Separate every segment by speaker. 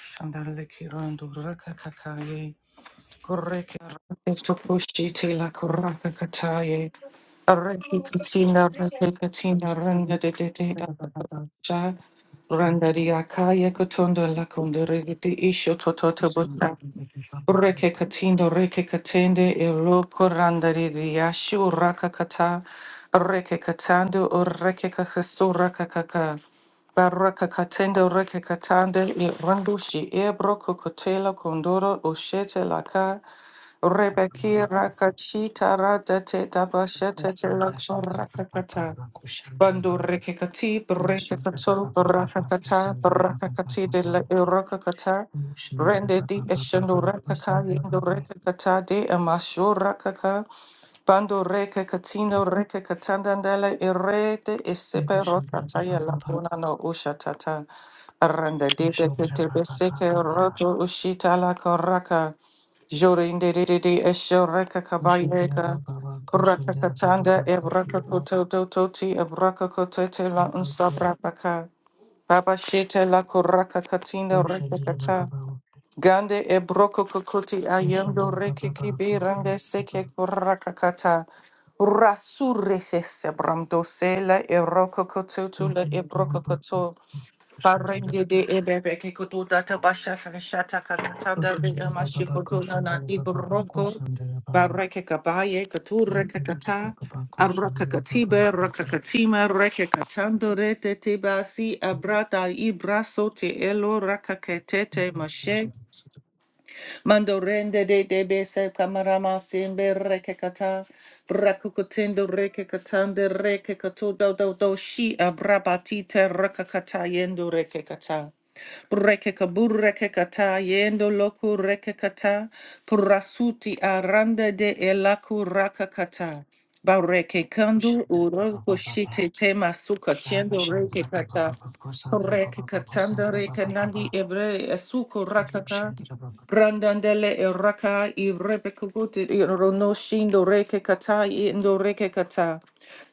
Speaker 1: Sandale kirando raka kakaye, koreke to tokushi te la koraka kataye, areki katina rase katina ranga de de de dasha, randa di akaye kotondo la kondere de isho Ureke katindo reke katende eloko randari riashu raka kata reke katando ureke kakasu raka kaka baraka katendo reke katande i randushi ebro kokotela kondoro ushete laka rebeki raka chita rada te tabashete te lako raka kata Bando rekekati, brekekato, brakakata, brakakati de la irokakata, rende di eshendo rakaka, yendo rekakata de amasho rakaka, Bando reke katino reke katandandele irede isepe rosa taya lakuna no usha tata. Aranda de de setebe seke roto ushita la koraka. Jorinde de de de esho reka kabayeka. Braka katanda ebraka koto dototi ebraka kotete la unsabra baka. Baba shete la koraka katina reke kata. Gande e broko kokoti ayendo rekiki birande seke kurakakata. Rasure sese bramdo sela e roko kotutu le ebroko koto. Parenge de ebebe ke data basha kakashata kakatanda re e mashi koto nana di broko. Bareke kabaye kature kakata. Abraka katiba, raka katima, reke katando rete teba si abrata ibraso te elo raka ketete Mando rende de de bese kamarama simbe reke kata. Brakukutendo reke katande reke katu do do do shi abrabatite reka kata yendo reke kata. Breke kabur reke kata yendo loku reke kata. Purasuti arande de elaku raka kata. Bareke kandu urogo shite tema suka tiendo reke kata. Reke katanda reke nandi ebre esuko rakaka. Brandandele eraka i rebekuguti i rono shindo reke kata i indo reke kata.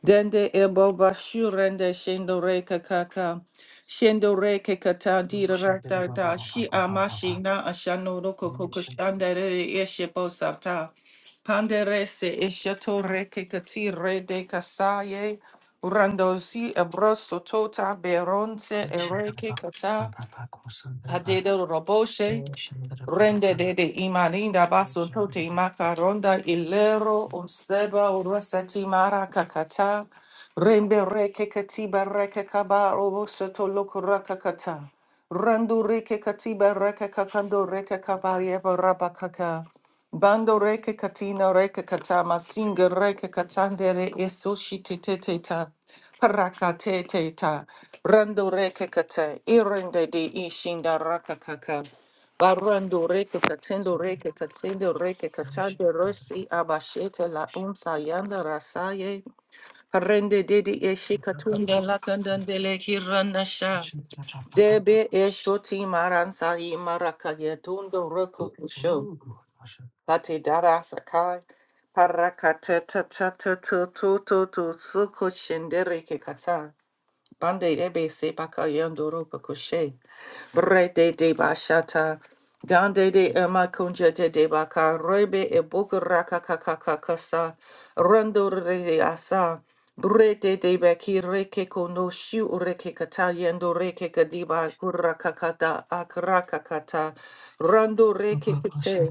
Speaker 1: Dende e boba shurende shindo reke kaka. Shindo reke kata di rata da shi amashi na ashano roko koko shandere eshe bo sata. Pandere se eshato reke kati rede kasaye. Urandozi ebroso tota beronse ereke kata. Adedo roboshe. Rende de de imaninda baso tote makaronda ilero unseba urasati mara kakata. Rembe reke katiba reke kaba obosoto lokura kakata. Randu reke katiba reke kakando reke kabayeva rabakaka. Bando reke katina reke katama singa reke katandere esoshi te te te ta. Paraka te Rando reke kata. Irende de ishinda raka kaka. Barando reke katendo reke katendo reke katando rosi abashete la unsa yanda rasaye parende dedi eshi katunda la kandandele hirana sha debe eshoti maransa i maraka yetundo roku kusho pati dara sakai parakate tata tutu tutu tutu suko shendere ke kata Bande debe se baka yandoro bakushe. Brete de bashata. Gande de ema kunjete de baka. Rebe e bukaraka kakakakasa. Rando re asa. Brete de beki reke kono shu reke kata yendo reke kadiba kurakakata akrakakata. Rando reke kute.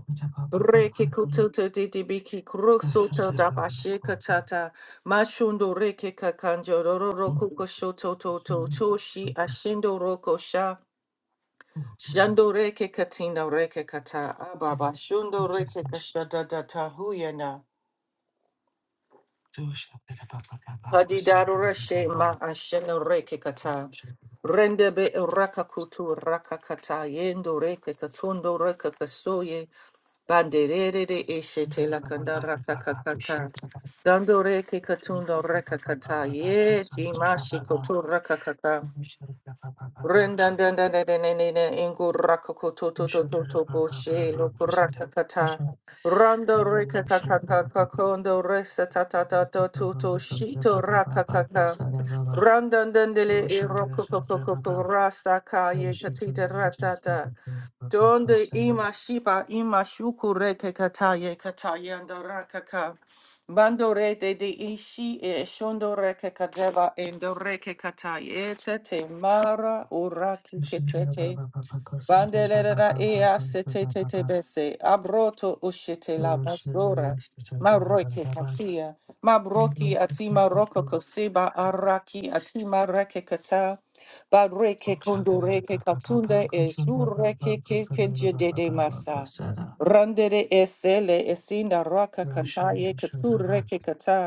Speaker 1: Reke kututu didibiki krusuta dabashikatata. Mashundo reke kakanjo rororo kuko shoto toto toshi ashindo roko sha shando reke katina reke kata ababa shundo reke kashada data huyena padidaro reshe ma ashendo reke kata rendebe raka kutu raka kata yendo reke katundo reke kasoye banderere de eshe tela kanda raka kakata dando reke katundo reke kata ye dimashi kutu raka kata Rendandandandandandandanda, Ingu rakokotototototo boshe lo kurakakata. Rando rekakakakakondo resatatatototo shito rakakaka. Randandandele irokokokokoko rasaka ye katita ratata. Donde ima shiba ima shukure ke kataye kataye andara kaka. Bandore de de ishi e shondore ke kadeva endore ke kataye tete mara uraki ke Bandelera ea se te te te bese, abroto ushete la masora, maroke katia, mabroki atima roko koseba araki atima reke kata, bareke kondoreke katunde e sureke ke keje dede masa. Randere esele esinda raka kataye katsureke kata.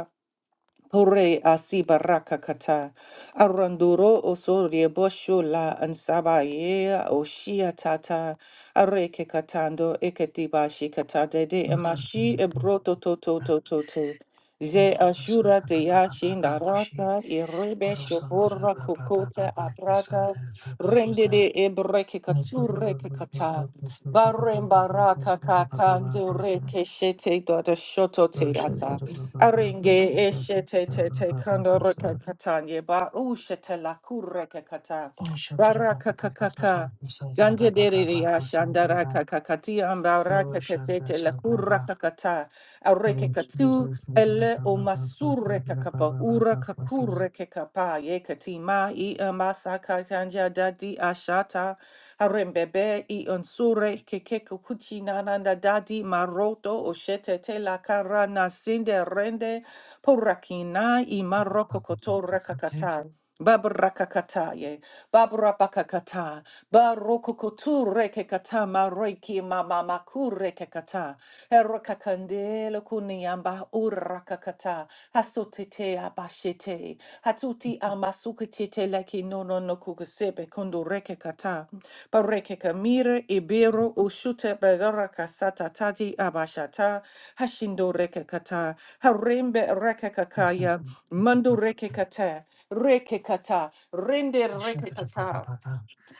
Speaker 1: Pore asiba rakakata. Aranduro oso riebosho la ansabaye oshia tata. Areke katando eketiba shikata de de emashi ebroto to to to to to. Ze ashura te yashi narata irebe shobora kokota aprata. Rende de ebreke kature kekata. Barem baraka kakando reke shete do shoto te ata. Arenge eshete te te kandoreka katanye ba ushete la kureka kata. Baraka kakaka. Ganje deriri ashandara kakakati ambaraka katete la kuraka kata. Areke katu. Ele o masure kakapa ura kakure kekapa ye katima i amasa kakanja dadi ashata harembebe i unsure kekeko kuchina nanda dadi maroto oshete tela karana sinde rende porakina i maroko kotora kakata. Babrakakataye, Babrapakakata, Barokokotu rekekata, Mareki mamamaku rekekata, Erokakandelo kuniamba urakakata, Hasotete abashete, Hatuti amasukitete leki nono no kukusebe kundu rekekata, Barekeka mire ibero ushute beraka satatati abashata, Hashindo rekekata, Harembe rekekakaya, Mando rekekata, rekekata, rende rekekata,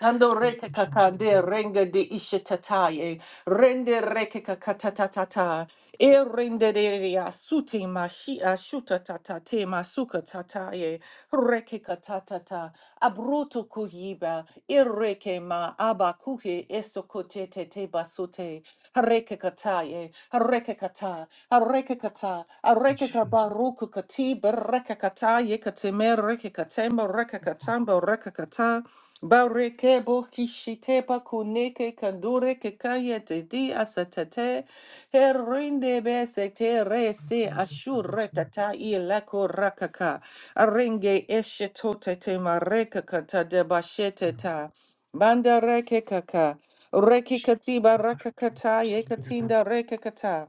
Speaker 1: Kando reke kakande renga de ishetataye, rende reke kakatatata, e rende de de asute mashi ashuta tata te masuka tataye, reke katatata, abruto kuyiba, e reke ma abakuke esokote te te basute, reke kataye, reke kata, reke kata, reke kabaruku kati, bereke kataye katime, reke katema, reke katamba, reke kata. Bareke bokishite pakuneke kandure kekaya tedi asatate herinde besete rese ashure tata ilako rakaka arenge eshetote te mareka kata de ta banda reke kaka reki katiba rakakata yekatinda reke kata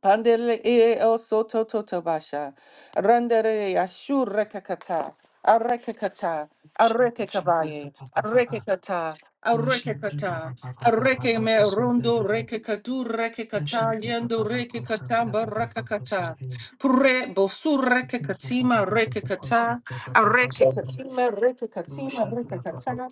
Speaker 1: Pandele e e o soto toto basha. Randere ashur rekakata. Arekakata. Arekakabaye. Arekakata. Arekakata. Areke kata. Areke me rondo rekakatu rekakata. Yendo rekakatamba rakakata, Pure bosur rekakatima rekakata. Areke katima rekakatima rekakata.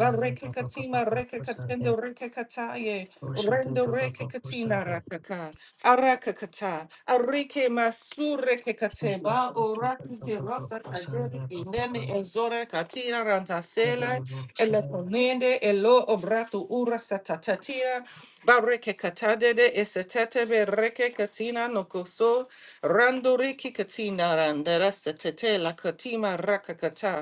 Speaker 1: La reke katima reke katendo reke kataye rendo reke katina rataka araka kata arike masu reke kateba oraki ke rasa kagere inene enzora katina rantasela elekonende elo ratu ura satatatia, bareke katadede esetetebe reke katina nokoso, randoriki katina randera setete la katima rakakata,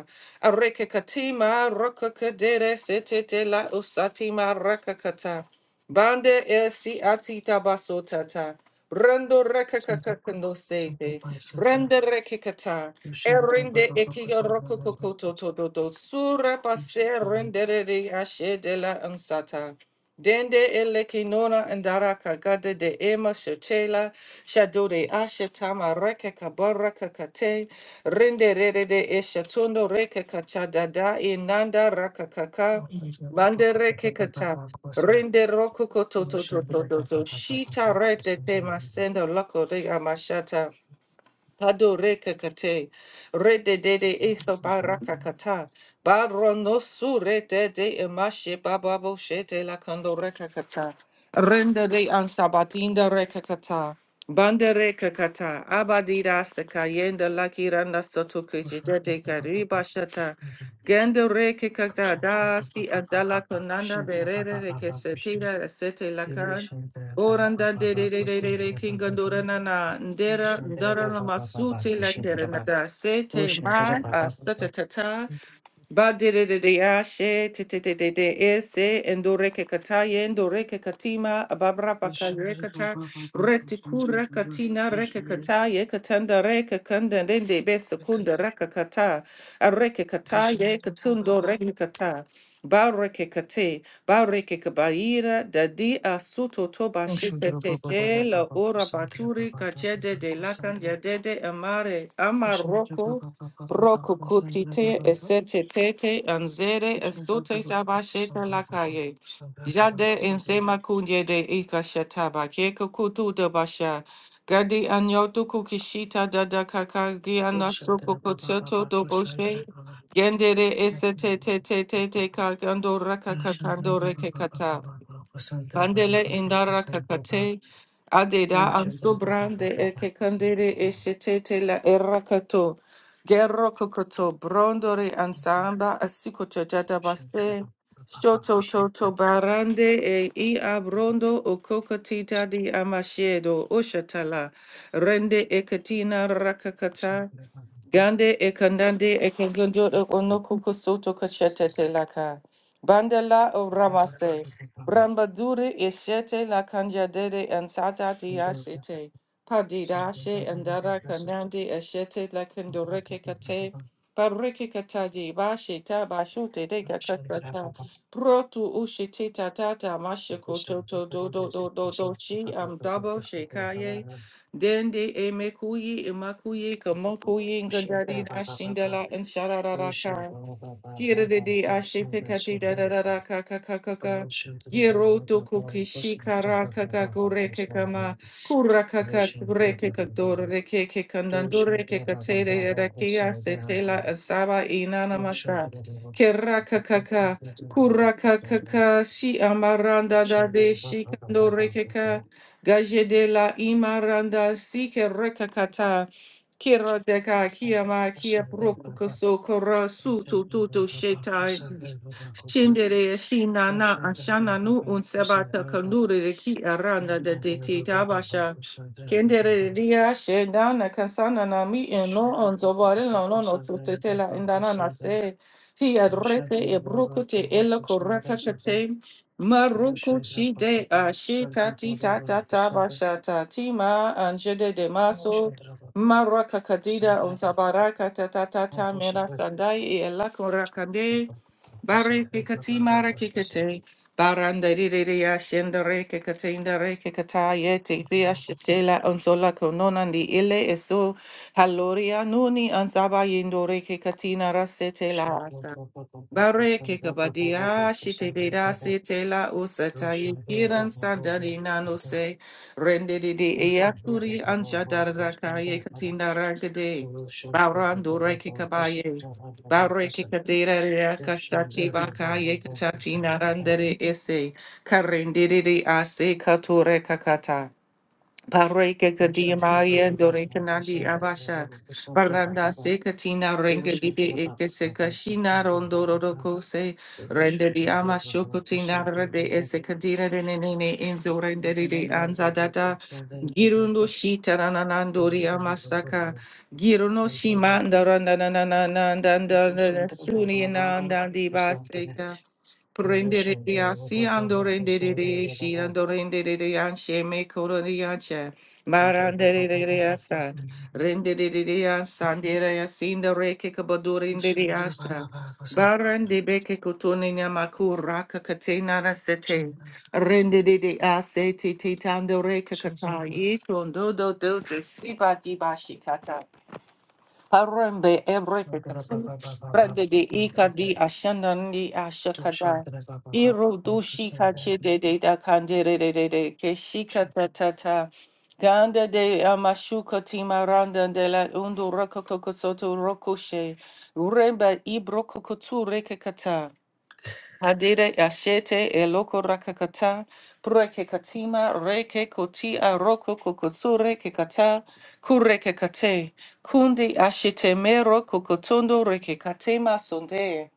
Speaker 1: areke katima rokakadere setete la usatima rakakata. Bande el si atita baso tata. Rando rekakakakando sete. Brende rekikata. Erinde ekiga rokokokoto tododo. Sura pase rendere de ashe de la ansata. Dende ele kinona andara kagade de ema shotela. Shado de ashe tama reke kabara kakate. Rinde rede de eshatondo reke kachadada inanda rakakaka. Mandere Rende roko koto to to to to to shita rete te masendo loko de amashata. Pado reka kate, rede de de eso baraka kata, baro no su rete de emashe bababo shete la kando reka kata, rende de ansabatinda reka kata, bande reka kata, abadira sekayenda la kiranda soto kichete de kariba shata, gende reka kata da si azala konanda berere reke setira sete la Oranda de de de de de de kinga dorana na ndera ndara na masuti la kerena da sete ma a sata tata Ba de de de de ashe te te te te te ese endore ke kataye endore ke katima ababra pakaye kata retikura katina reke kataye katanda reke kanda rende besekunda reka kata areke kataye katundo reke kata ba reke kate ba reke kabaira dadi asuto toba shite te te la ora baturi kachede de lakan yadede amare amaroko Brokukutite esetetete anzere esote tabasheta lakaye. Jade ensema kunye de ika shataba keko kutu de basha. Gadi anyotu kukishita dada kakagi anasuko kotsoto do boshe. Gendere esetetete kagando rakakatando rekekata. Andele indara kakate, adeda ansubrande eke kandere eshetete la erakato, gerro kokoto, brondore ansamba asikoto jadabase, shoto toto barande e i abrondo o kokotita di amashedo, oshatala, rende ekatina rakakata, Gande e kandande e kusoto e ono kukusoto kachete te laka. Bandela o ramase. Rambaduri e shete la kanjadede and satati ashete. Padidashe and dada kandande e shete la kendoreke kate. Pariki kataji bashita bashute de kakasata. Protu ushiti tatata mashiko toto do do do do do she am double shekaye. Dende emekuyi imakuyi kamokuyi ngandari na shindala and shararaka. Giridi ashipikati da da da da ka ka ka ka ka. Giroto kukishi kara ka ka kureke kama. Kura ka ka kureke ka doreke ke kandandore ke ka te de da kia se te asaba inana masa. Kera ka ka ka. Kura ka ka ka. Shi amaranda da de shi kandore ka. Gaje de la imaranda si ke reka kata. Kira deka kia ma kia broku koso kora su tu tu tu shetai. Shindere Shinana Ashana Nu Unsebata Kanduri Ki Aranda de Diti Tabasha Kendere dia Shendana Kansana Nami and No on Zobari Lono no Sutetela Indana Nase Ti Adrete Ebrukute Ela Koreka Kate Maruku Shide Ashita Tita Tata Basha Tatima Anjede de Maso Maraka Kadida Unsabaraka Tata Tata Mera Sandai Ela Korakande Bari kikati mara kikate. Barandariria shendere kikatendere yeti ria shetela onzola kononan ile eso. Haloria nuni anzaba yendore kikatina rasetela. Bareke kabadia shitebeda setela usata yikiran sandari nano se rende de de eaturi anjadara kaye katinda ragade barando reke kabaye bareke kadera reaka sati bakaye katatina randere ese karende de de ase kature kakata Paroi ke kadi maia dorin kanadi abasha. Bernardase ke Tina ringe bibeke seka Tina rondo roko se renderi amas shoko Tina rade ese kadirene nene inzo renderi de anza dada. Girundo shi tana na nadori amasaka. Giruno shi mandarana nana nanda nanda suni nanda di ba seka. Prendere si andorende de si andorende de anche me coroniace marandere de asa rendere de asa ndere asinda reke kabadurinde de asa barande beke kotonina makura kakatena rasete rendere de ase tititando reke kakayi tondo do do de siba Harambe ebreke kasim. Brande de ika di ashanani ashakada. Iro do shika che de de da kandere de de de ke shika ta ta ta. Ganda de amashuka timaranda de la undu rokoko soto rokoshe. Uremba ibro kokotu reke kata. Hadere ashete eloko rakakata, preke katima, reke kotia, roko kokosure kekata, kureke kate, kundi ashete mero kokotondo reke katema sonde,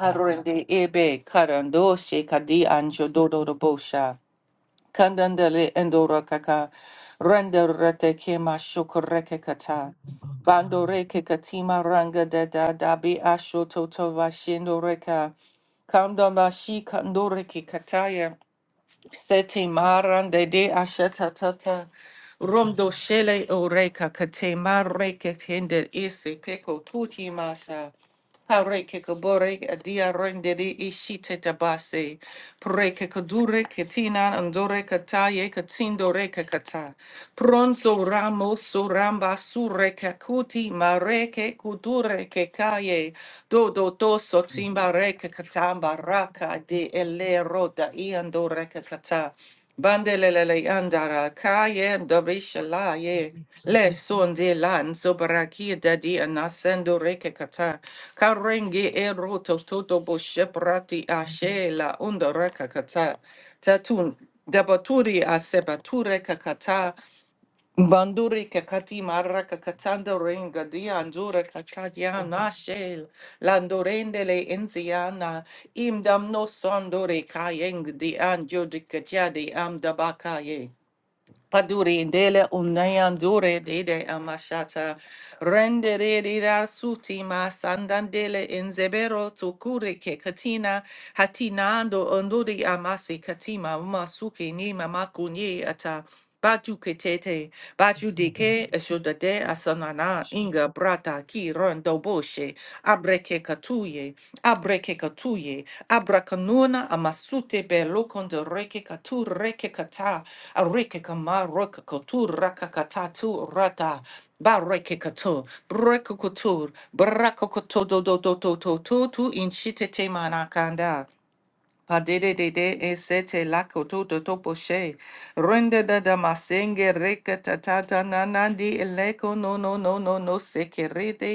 Speaker 1: arende ebe karando shekadi anjo dodo Kandandele endora kaka. Randa rete kema shokoreke kata. Bando reke katima ranga da da da bi asho toto vashendo reka. Kamda mashi kandore ki kataya. Sete maran de asheta tata. Romdo shele oreka kate mareke tender isi peko tuti Pareke ke kabore adia rendere ishite tabase. Pare ke kadure ketina andore kataye katindore kakata. Pronto ramo suramba sure kakuti mare ke kudure ke kaye. Do do so timbare ke katamba raka de ele roda iandore kakata. Bandelele andara kaye dobishalaye. Le son de lan sobraki dadi anasendo reke kata karenge ero toto boshe prati ashe la onda reka kata tatun dabaturi asebature kakata banduri kakati marra kakatando renga di andura kakadia nashe landorende le enziana imdam no sondore kayeng di anjo di katia di amdabakaye Paduri indele unayandure dede amashata rendere dira sutima sandandele enzebero tukure ke katina hatinando onduri amasi katima umasuke ni mamakunye ata batu ketete batu deke eshodade asanana inga brata ki rondo boshe, abreke katuye, abreke katuye, abrakanuna amasute belokon de reke katu reke kata, areke kama roka katu raka kata tu rata, bareke katu, breke kutur, braka kutu do do do do do do tu inchite te manakanda. Padede de de e sete la koto to topo Rende da da masenge reka ta na nandi eleko no no no no no sekerede.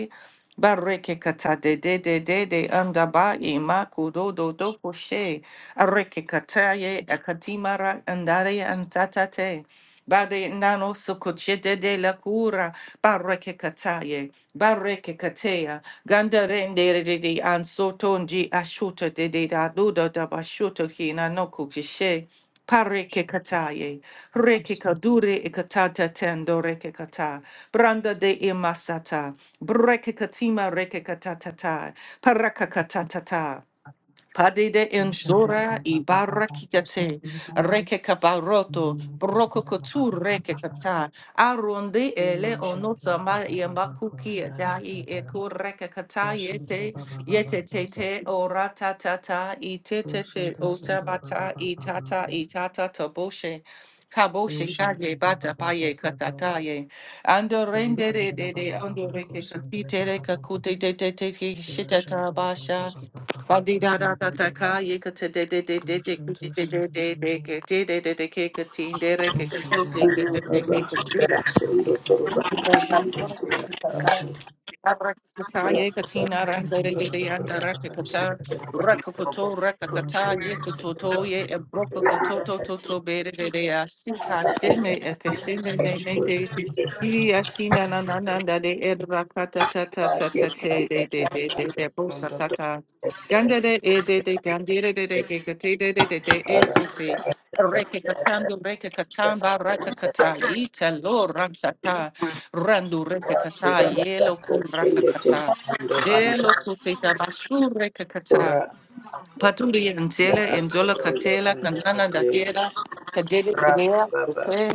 Speaker 1: Bareke kata de de de de de anda ba e kudo do do po she. Areke kata ye akatimara andare antatate. Bade nano sukuchede de la cura, barreke kataye, barreke katea, gandarende de de ansotonji ashuta de de da duda da bashuta hina no kukishe, pareke kataye, reke kadure ekatata tendo reke kata, branda de imasata, breke katima reke katatata, paraka katatata. Padide en zora i barrakikate, reke kabaroto, broko kotu reke kata, aronde ele onota ma yamakuki dahi eku reke kata yese, yete te te ora ta ta ta, i te te te ota mata, i tata i tata taboshe. Kaboshe kage bata paye katataye. Ando rende de de de ando reke katite reka kute te te te te shitata basha. Thank you. Rakakata ye katina rande de de de anda rakakata rakakoto rakakata ye kototo ye ebroko kototo toto bere de de asika shene ekashene de de de i ashina na na na na de ed rakata ta ta ta ta te de de de de de bosa kata ganda de e de de gandere de de de kate de de de de e sote rekakatando rekakatamba rakakata ita lo ramsata Randu rekakata, yelo kun
Speaker 2: Shende te
Speaker 1: rakakata.
Speaker 2: ando anda
Speaker 1: Delo kuteta bashu rekakata.
Speaker 2: ora
Speaker 1: Paturi
Speaker 2: anda
Speaker 1: entele,
Speaker 2: ate
Speaker 1: enzola
Speaker 2: ando
Speaker 1: katela,
Speaker 2: anda
Speaker 1: kanana
Speaker 2: ate
Speaker 1: dadera, kadere
Speaker 2: rap
Speaker 1: dedea,
Speaker 2: baba
Speaker 1: sete,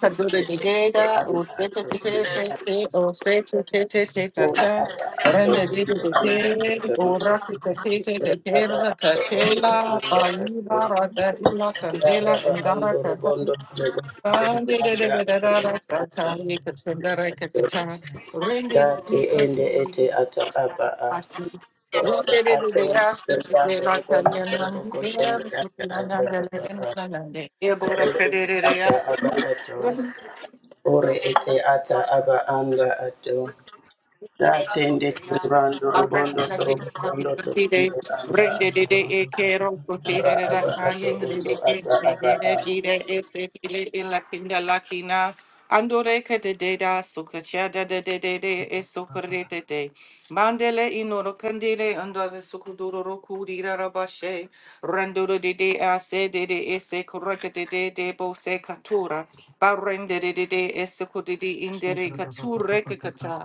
Speaker 1: kadore
Speaker 2: shete ende
Speaker 1: dededa, o
Speaker 2: anda
Speaker 1: sete
Speaker 2: ate
Speaker 1: te te te
Speaker 2: ende
Speaker 1: te, o sete te te te
Speaker 2: ora
Speaker 1: tata.
Speaker 2: aba ato
Speaker 1: Rende dedo
Speaker 2: endo
Speaker 1: de
Speaker 2: anda
Speaker 1: te,
Speaker 2: ato
Speaker 1: o rakata te te te
Speaker 2: ora aba
Speaker 1: te
Speaker 2: ato endo anda
Speaker 1: katela, ayuba
Speaker 2: ato
Speaker 1: rada ila
Speaker 2: ya
Speaker 1: candela,
Speaker 2: raba ando
Speaker 1: andara
Speaker 2: robondo robo ende
Speaker 1: Ande de
Speaker 2: anda
Speaker 1: de de de
Speaker 2: ate
Speaker 1: da da
Speaker 2: ende
Speaker 1: sa
Speaker 2: anda
Speaker 1: ta ni ka tsin da ra ka ka
Speaker 2: ato
Speaker 1: ta. Rende di
Speaker 2: date
Speaker 1: ni ka
Speaker 2: ende
Speaker 1: tu ni
Speaker 2: ete
Speaker 1: ni
Speaker 2: ata
Speaker 1: sa
Speaker 2: aba a.
Speaker 1: ta ni.
Speaker 2: Ore
Speaker 1: Rende de de de ya shi ti te la ka ni nan di de ra ku ti na na de le de na na na de. E bo ra ka de
Speaker 2: ete
Speaker 1: de de ya.
Speaker 2: ata
Speaker 1: Rende di na di ya ki ta
Speaker 2: aba anga ato. Da tende turando robondo torobondo torobondo anga ato. Ara aba ato oto ata aba a.
Speaker 1: Andore ke de de da sukacha da de de de de e sukare de de mandele inoro candele ando de sukuduro roku di rabashe randoro de de a se de de e se correct de de de bo se katura barrende de de de e sukudi indere kature kata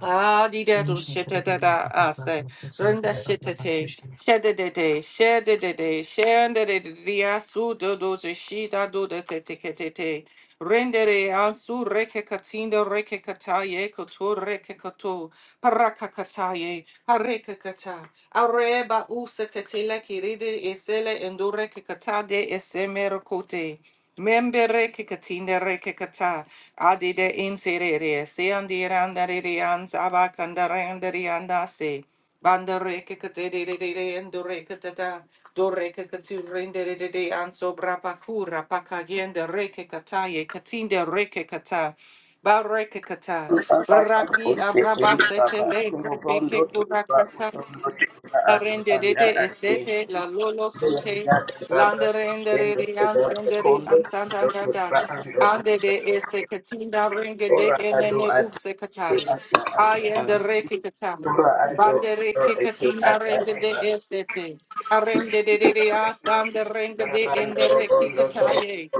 Speaker 1: Ah, di da do shit da da da. Ah, say, run that shit da da. Shed da da da. Shed da da da. Shed da da da. da, ah, Su do do do shi da do da te te ke te te. Rendere ansu reke katinda reke kataye koto reke koto paraka kataye hareke kata areba usa te te la kiride esele endure ke kata de esemero kote. Membere que katindere que adide inserere se andirandere ansaba kandarandere andase bandere que katedere endure katata dore que de de ansobra pakura pakagende reke kataye katinde reke kata bareke kata
Speaker 2: Aba ako
Speaker 1: baraki
Speaker 2: tete
Speaker 1: abrabasete
Speaker 2: baba
Speaker 1: lebre
Speaker 2: torobondo toroba
Speaker 1: burakata.
Speaker 2: utondo toroba anga
Speaker 1: Arende de
Speaker 2: anga
Speaker 1: de
Speaker 2: ato.
Speaker 1: esete la lolo
Speaker 2: Ora aba
Speaker 1: sote
Speaker 2: ada ada
Speaker 1: landerendere de ansendere ansantantanta ande de ese katinda renge de enene ukse kataye ayende reke katam bandere ke katina renge de esete arende de de de asande renge de endere ki kataye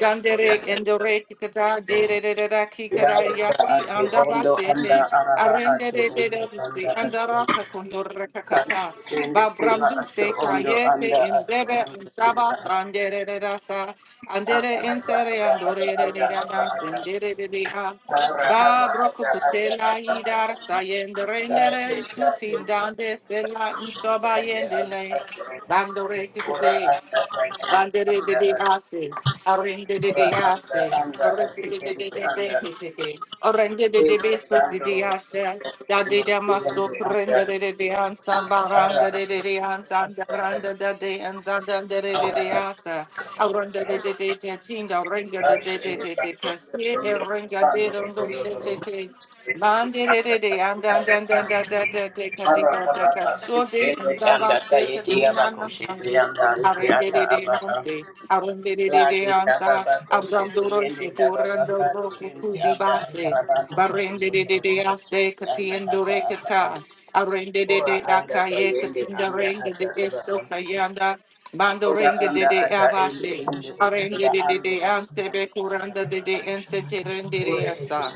Speaker 1: Yandere endere ki kata de de de de de ki kata yasi andabasete Arende de de de de si andara kakundora kakata. Babramdu se kayete inzebe zebe in saba sandere de da Andere in sere andore de de ganda sendere de de a.
Speaker 2: ada
Speaker 1: Babroko
Speaker 2: ada
Speaker 1: kutela idar
Speaker 2: ada
Speaker 1: sayende rendere
Speaker 2: Kathita
Speaker 1: sutin
Speaker 2: tete
Speaker 1: dande sela in soba
Speaker 2: and the
Speaker 1: yendele.
Speaker 2: ate
Speaker 1: Bandore
Speaker 2: ora
Speaker 1: kikite.
Speaker 2: anda ate
Speaker 1: Bandere de
Speaker 2: anda
Speaker 1: de
Speaker 2: ate
Speaker 1: ase, arende de
Speaker 2: ora
Speaker 1: de
Speaker 2: anda
Speaker 1: ase,
Speaker 2: anda
Speaker 1: arende
Speaker 2: ate
Speaker 1: de de de
Speaker 2: ende
Speaker 1: de de
Speaker 2: anda
Speaker 1: de de de, arende de de
Speaker 2: ete
Speaker 1: beso de
Speaker 2: rando
Speaker 1: de ase,
Speaker 2: robo
Speaker 1: da de
Speaker 2: kondo
Speaker 1: de maso
Speaker 2: ende anda
Speaker 1: prende de de de ansa,
Speaker 2: ara
Speaker 1: baranda de de
Speaker 2: ate
Speaker 1: de ansa, baranda de de ansa, da de de de
Speaker 2: ara
Speaker 1: de
Speaker 2: ate
Speaker 1: ase, arende de de de de tinda, arende de
Speaker 2: ate
Speaker 1: de de
Speaker 2: ende
Speaker 1: de de kasi,
Speaker 2: ate ende
Speaker 1: arende
Speaker 2: rando
Speaker 1: de
Speaker 2: robo
Speaker 1: rondo che
Speaker 2: yodoro
Speaker 1: che che. Bandere de de andan dan dan da da da de
Speaker 2: ara
Speaker 1: kadinga da da
Speaker 2: ate
Speaker 1: so
Speaker 2: ate
Speaker 1: de
Speaker 2: ende
Speaker 1: andava
Speaker 2: anda
Speaker 1: se
Speaker 2: tayeti
Speaker 1: katsina
Speaker 2: abako
Speaker 1: na
Speaker 2: shende anda
Speaker 1: de akaye
Speaker 2: ate ata aba
Speaker 1: Arendedeyonde,
Speaker 2: Lati
Speaker 1: arendededeyanza,
Speaker 2: tababa koshi tiyende
Speaker 1: abrandoroike,
Speaker 2: tababa kati indi anda atarabando rokundo
Speaker 1: de
Speaker 2: torobo
Speaker 1: de
Speaker 2: koshi anda ata aba a.
Speaker 1: katiendorekata,
Speaker 2: Ora anda
Speaker 1: arendededeyakaye,
Speaker 2: tayende anda ata apa? a.
Speaker 1: katindarendedeyesokayanda,
Speaker 2: Ora anda ata indi
Speaker 1: mandorengededeyabashe,
Speaker 2: indi iti ora
Speaker 1: de
Speaker 2: Anda rokundo anda ata apa?
Speaker 1: bekurandadedeyensete
Speaker 2: a. Ore
Speaker 1: rendereyasa.
Speaker 2: iti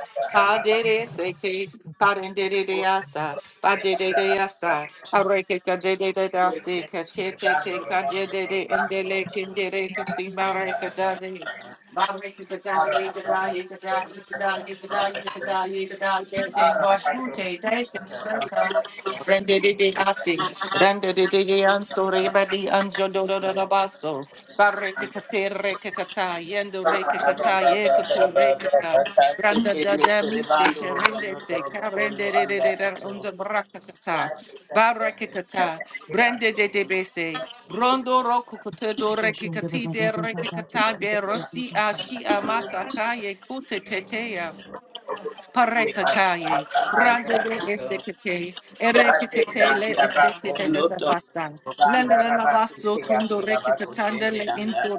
Speaker 2: ata
Speaker 1: Pa
Speaker 2: aba a.
Speaker 1: de de se te, pa de de de de
Speaker 2: Ore
Speaker 1: asa, pa
Speaker 2: iti
Speaker 1: de de
Speaker 2: ata
Speaker 1: de
Speaker 2: aba
Speaker 1: asa,
Speaker 2: a.
Speaker 1: areke ka de de de da
Speaker 2: Ore
Speaker 1: se
Speaker 2: iti
Speaker 1: ka te te
Speaker 2: rebando
Speaker 1: te ka de
Speaker 2: rokundo
Speaker 1: de de
Speaker 2: rebando
Speaker 1: endele
Speaker 2: rokundo
Speaker 1: kindere ka si
Speaker 2: anda
Speaker 1: mareka
Speaker 2: ata.
Speaker 1: da de. Mareka ka da
Speaker 2: Ara
Speaker 1: ye ka
Speaker 2: ata
Speaker 1: da ye ka da ye ka da ye ka da ye ka
Speaker 2: ata.
Speaker 1: da ye ka da ye de bashu te de ka seta. Rende de de de asi, rende de de de anso ba di anjo do do do do baso. Bareke ka te reke ka ta, yendo reke ka ta, ye ka tu reke Randa da da mi se kerende se kerende de de de de unza brakakata kata baraka kata brande de de bese brondo roku kutedo rekikati de rekikata be rosi a shi a masaka ye kute teteya parekakaye, rande de
Speaker 2: Thank you.
Speaker 1: esekete,
Speaker 2: Ara aba ato oki ata aba a.
Speaker 1: erekete le esekete de basa. Lalalabaso tundo rekatandele inso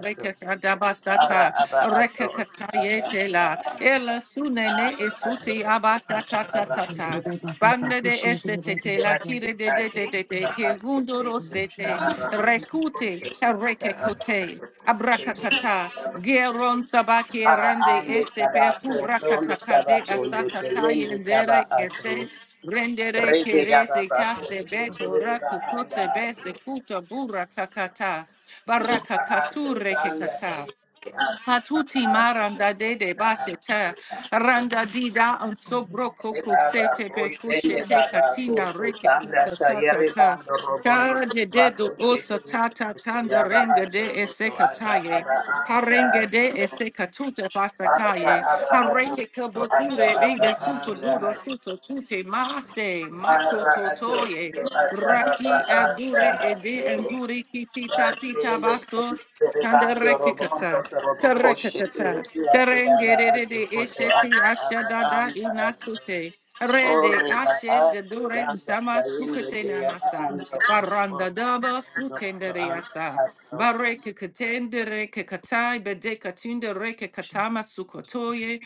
Speaker 2: Ara
Speaker 1: rekatadabasata rekakatayetela ela sunene
Speaker 2: ato
Speaker 1: esuti
Speaker 2: oki
Speaker 1: abasata
Speaker 2: ata aba
Speaker 1: tatata
Speaker 2: anda ata.
Speaker 1: banda de esete la
Speaker 2: Ira kiri
Speaker 1: kire de de
Speaker 2: ati
Speaker 1: de de de
Speaker 2: ita
Speaker 1: ke
Speaker 2: ato iti
Speaker 1: rundoro
Speaker 2: ata
Speaker 1: rosete
Speaker 2: aba ato
Speaker 1: rekute
Speaker 2: oki ata aba
Speaker 1: rekekute
Speaker 2: ato oki ata
Speaker 1: abrakatata
Speaker 2: aba.
Speaker 1: Geron tabake
Speaker 2: Ara
Speaker 1: rande
Speaker 2: ande
Speaker 1: ese
Speaker 2: taba ko
Speaker 1: kura
Speaker 2: tondo taba
Speaker 1: kakakade
Speaker 2: kondo
Speaker 1: asata taye
Speaker 2: telende taba
Speaker 1: ndere
Speaker 2: ato.
Speaker 1: kese rendere
Speaker 2: Rege da ba
Speaker 1: kerete
Speaker 2: ba ko
Speaker 1: kase be
Speaker 2: sotore
Speaker 1: kora
Speaker 2: ba anda
Speaker 1: kupote be
Speaker 2: ate.
Speaker 1: se kuta bura kakata baraka
Speaker 2: Ba ato
Speaker 1: kature
Speaker 2: kanda ta
Speaker 1: kekata.
Speaker 2: ye ate. Ba
Speaker 1: Patuti
Speaker 2: ato
Speaker 1: maranda de
Speaker 2: koto
Speaker 1: de
Speaker 2: ta
Speaker 1: bashete
Speaker 2: ate.
Speaker 1: randa dida on sobroko
Speaker 2: Re ba ba
Speaker 1: sete
Speaker 2: ko
Speaker 1: pekushe
Speaker 2: sende ba
Speaker 1: te
Speaker 2: ba ko
Speaker 1: katinda reke
Speaker 2: sotanda
Speaker 1: tata
Speaker 2: ta ye
Speaker 1: tata
Speaker 2: re ba
Speaker 1: ta
Speaker 2: ando robondo to
Speaker 1: kaje
Speaker 2: ba
Speaker 1: de
Speaker 2: ko
Speaker 1: do osa
Speaker 2: sete
Speaker 1: tata
Speaker 2: ya
Speaker 1: tanda
Speaker 2: ba
Speaker 1: renga
Speaker 2: ato
Speaker 1: de
Speaker 2: koto ata
Speaker 1: esekataye
Speaker 2: aba anda
Speaker 1: parenge de
Speaker 2: ate.
Speaker 1: esekatuta
Speaker 2: Ata
Speaker 1: basakaye
Speaker 2: aba ato
Speaker 1: hareke
Speaker 2: koto ata
Speaker 1: kabotire
Speaker 2: aba
Speaker 1: ribe suko
Speaker 2: anda
Speaker 1: duro
Speaker 2: ate.
Speaker 1: suto tute mase mako
Speaker 2: Ara ato
Speaker 1: totoye
Speaker 2: koto ata aba
Speaker 1: raki
Speaker 2: anda
Speaker 1: adure ede
Speaker 2: ate.
Speaker 1: enduri kitita tita
Speaker 2: Bashende
Speaker 1: baso
Speaker 2: Rebando
Speaker 1: Kandarekikata.
Speaker 2: Robondo Robo Koshi
Speaker 1: Karakatata.
Speaker 2: Uti Ati Ara Ati
Speaker 1: Karengerede
Speaker 2: Koto
Speaker 1: esheti
Speaker 2: Ata Ara
Speaker 1: ashadada
Speaker 2: Anda Ati
Speaker 1: inasute. Rede
Speaker 2: Oriba
Speaker 1: ashe
Speaker 2: Ati
Speaker 1: de dore
Speaker 2: Sanda
Speaker 1: zama
Speaker 2: Kayende
Speaker 1: sukete
Speaker 2: Deyara
Speaker 1: nanasa.
Speaker 2: Ando
Speaker 1: Baranda
Speaker 2: Orobo
Speaker 1: daba
Speaker 2: Ando Koto
Speaker 1: sutendere
Speaker 2: Anda
Speaker 1: yasa.
Speaker 2: Ato
Speaker 1: Bareke katendere ke katai bede katunda reke katama sukotoye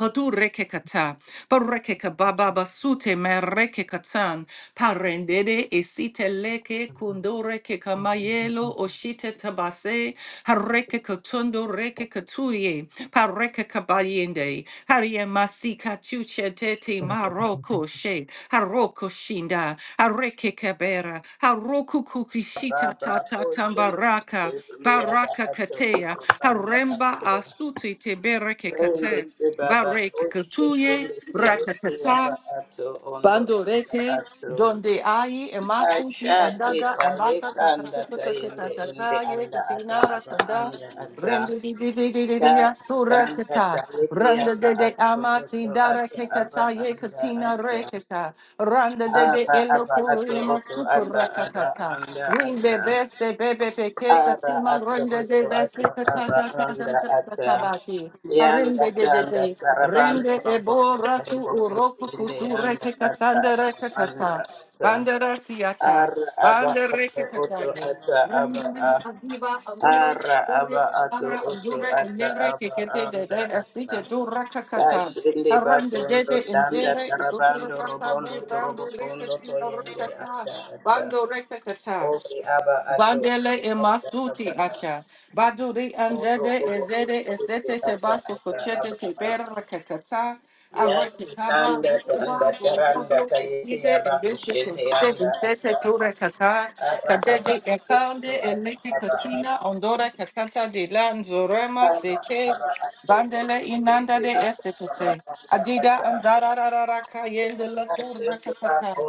Speaker 1: Patu reke kata, pareke kababa basute me reke katan, parendede esite leke kundore ke kamayelo oshite tabase, hareke katundo reke katuye, pareke kabayende, harie masi katuche tete maroko she, haroko shinda, hareke kabera, haroku kukishita
Speaker 2: Baba
Speaker 1: tata
Speaker 2: Koshi
Speaker 1: tambaraka,
Speaker 2: Uti Ara
Speaker 1: baraka
Speaker 2: Ato
Speaker 1: katea,
Speaker 2: Koto Anda
Speaker 1: haremba
Speaker 2: Ato
Speaker 1: asute tebereke kate.
Speaker 2: Rende Te Baba
Speaker 1: Bareke
Speaker 2: Koshi
Speaker 1: kutuye,
Speaker 2: Uti
Speaker 1: rakatata,
Speaker 2: Ara Ato Ondo
Speaker 1: bando reke,
Speaker 2: Anda Ato
Speaker 1: donde ayi,
Speaker 2: I
Speaker 1: emaku, pi
Speaker 2: shall take
Speaker 1: andada,
Speaker 2: a yek
Speaker 1: embaka,
Speaker 2: and that I Ashati kanda tayende ende
Speaker 1: kakatukutakatakaye,
Speaker 2: anda ata
Speaker 1: katinara,
Speaker 2: aba
Speaker 1: sanda,
Speaker 2: anda ata
Speaker 1: rende di di di di di di,
Speaker 2: dati
Speaker 1: asura
Speaker 2: kanda
Speaker 1: tata,
Speaker 2: tayete
Speaker 1: randa
Speaker 2: aba
Speaker 1: de de
Speaker 2: ato
Speaker 1: amati,
Speaker 2: oto
Speaker 1: dara
Speaker 2: ata aba
Speaker 1: kekataye,
Speaker 2: anda
Speaker 1: katina
Speaker 2: ata
Speaker 1: rekeka, randa de de
Speaker 2: aba aba
Speaker 1: eloku,
Speaker 2: ato oto
Speaker 1: yamasuku,
Speaker 2: ata aba
Speaker 1: rakatata.
Speaker 2: anda
Speaker 1: Rinde
Speaker 2: ata
Speaker 1: bese bebe peke
Speaker 2: aba
Speaker 1: katima
Speaker 2: ato
Speaker 1: rinde
Speaker 2: oto
Speaker 1: de
Speaker 2: ata
Speaker 1: bese katata
Speaker 2: aba
Speaker 1: kata
Speaker 2: anda
Speaker 1: kata
Speaker 2: ata
Speaker 1: tabati.
Speaker 2: yanda
Speaker 1: Rinde de de
Speaker 2: tanda
Speaker 1: de.
Speaker 2: tarabanda
Speaker 1: Rende
Speaker 2: robo
Speaker 1: eboratu
Speaker 2: the
Speaker 1: uroku
Speaker 2: kusinde
Speaker 1: kuture
Speaker 2: yanda
Speaker 1: ke
Speaker 2: ata
Speaker 1: katande reke
Speaker 2: aba
Speaker 1: kata.
Speaker 2: anda ata
Speaker 1: Bandera tiacha.
Speaker 2: Ara aba
Speaker 1: Bandere
Speaker 2: ato
Speaker 1: ke
Speaker 2: oto
Speaker 1: katande.
Speaker 2: ata aba a.
Speaker 1: Rande aviva andure.
Speaker 2: Ara
Speaker 1: Dure
Speaker 2: aba ato
Speaker 1: bara
Speaker 2: oto
Speaker 1: andure
Speaker 2: ata
Speaker 1: emere
Speaker 2: aba
Speaker 1: ke kete
Speaker 2: anda
Speaker 1: dede
Speaker 2: ata.
Speaker 1: asike tu raka kata.
Speaker 2: Kashinde
Speaker 1: Arande
Speaker 2: bakondo
Speaker 1: dede
Speaker 2: tanda
Speaker 1: injere ikutura
Speaker 2: tarabando
Speaker 1: raka
Speaker 2: robondo
Speaker 1: bu randu reke
Speaker 2: torobokondo
Speaker 1: tina
Speaker 2: toyende
Speaker 1: reke ta.
Speaker 2: anda ata.
Speaker 1: Bando reke kata.
Speaker 2: Ori aba ato
Speaker 1: Bandele
Speaker 2: oto ata aba
Speaker 1: emasuti
Speaker 2: a.
Speaker 1: asha. Baduri
Speaker 2: Oro
Speaker 1: anzede
Speaker 2: obo oto
Speaker 1: ezede
Speaker 2: ote
Speaker 1: esete te
Speaker 2: ata
Speaker 1: baso
Speaker 2: ata
Speaker 1: kochete
Speaker 2: aba
Speaker 1: te
Speaker 2: a.
Speaker 1: berra kakata. Arete
Speaker 2: Yati
Speaker 1: taba
Speaker 2: tanda tanda
Speaker 1: uba
Speaker 2: taranda
Speaker 1: urobo
Speaker 2: kayete
Speaker 1: sisite
Speaker 2: aba
Speaker 1: ebeshe
Speaker 2: kushinde
Speaker 1: kodere
Speaker 2: anda ata.
Speaker 1: bisete tura kaka.
Speaker 2: Ara aba
Speaker 1: Kadede
Speaker 2: ato
Speaker 1: ekande
Speaker 2: oto ata
Speaker 1: eleke
Speaker 2: aba a.
Speaker 1: katina ondora kakata de lanzorema
Speaker 2: Ora,
Speaker 1: sete. Bandele inanda de esete te. Adida anzara rarara kayende la kurra kakata.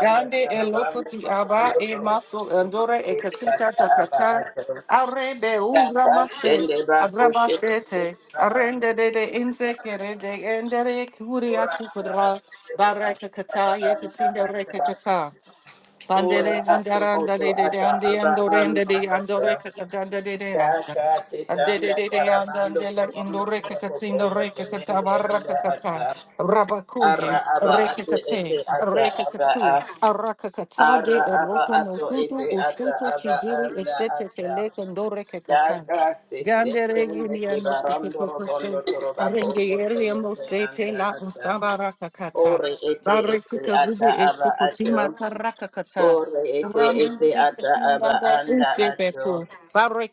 Speaker 1: Gande elokoti aba e maso andore e katisha tatata. Arebe ura mase. Abrabasete. Arende de de inse kere de endere kuria tupura. Baraka kata ye katinda reka kata. Pandere andaranda de de de andi andore ende de andore kakatanda de de asa. Ade de
Speaker 2: Tanda
Speaker 1: de de
Speaker 2: karabando
Speaker 1: andandela
Speaker 2: robondo
Speaker 1: indore
Speaker 2: toro
Speaker 1: kakatsindo
Speaker 2: popondo
Speaker 1: reke
Speaker 2: tenende
Speaker 1: katabarra
Speaker 2: anda
Speaker 1: kakata.
Speaker 2: ata.
Speaker 1: Rabakuye
Speaker 2: Ara aba
Speaker 1: reke
Speaker 2: ate
Speaker 1: kate
Speaker 2: ete ata
Speaker 1: reke
Speaker 2: aba
Speaker 1: katsu.
Speaker 2: a.
Speaker 1: Araka kata de
Speaker 2: Ara aba
Speaker 1: eroko no
Speaker 2: ato
Speaker 1: sutu
Speaker 2: ete ata
Speaker 1: usutu
Speaker 2: aba
Speaker 1: chidiri
Speaker 2: anda
Speaker 1: esete
Speaker 2: ata.
Speaker 1: tele kondore kakata.
Speaker 2: Daka se se
Speaker 1: Gandere
Speaker 2: tende
Speaker 1: yimia
Speaker 2: ke
Speaker 1: no
Speaker 2: barando
Speaker 1: kukukukusu.
Speaker 2: robondo toroba
Speaker 1: Renge
Speaker 2: kombo tende
Speaker 1: mosete
Speaker 2: anda
Speaker 1: la
Speaker 2: ata.
Speaker 1: usabara kakata.
Speaker 2: Ore ete ete
Speaker 1: Barikuta
Speaker 2: ata
Speaker 1: Gudi
Speaker 2: aba
Speaker 1: Eshukutima
Speaker 2: ato.
Speaker 1: Karakakata.
Speaker 2: Ore ete
Speaker 1: Randu
Speaker 2: ete ata
Speaker 1: Rikatunda
Speaker 2: aba anda ato.
Speaker 1: Usepeku.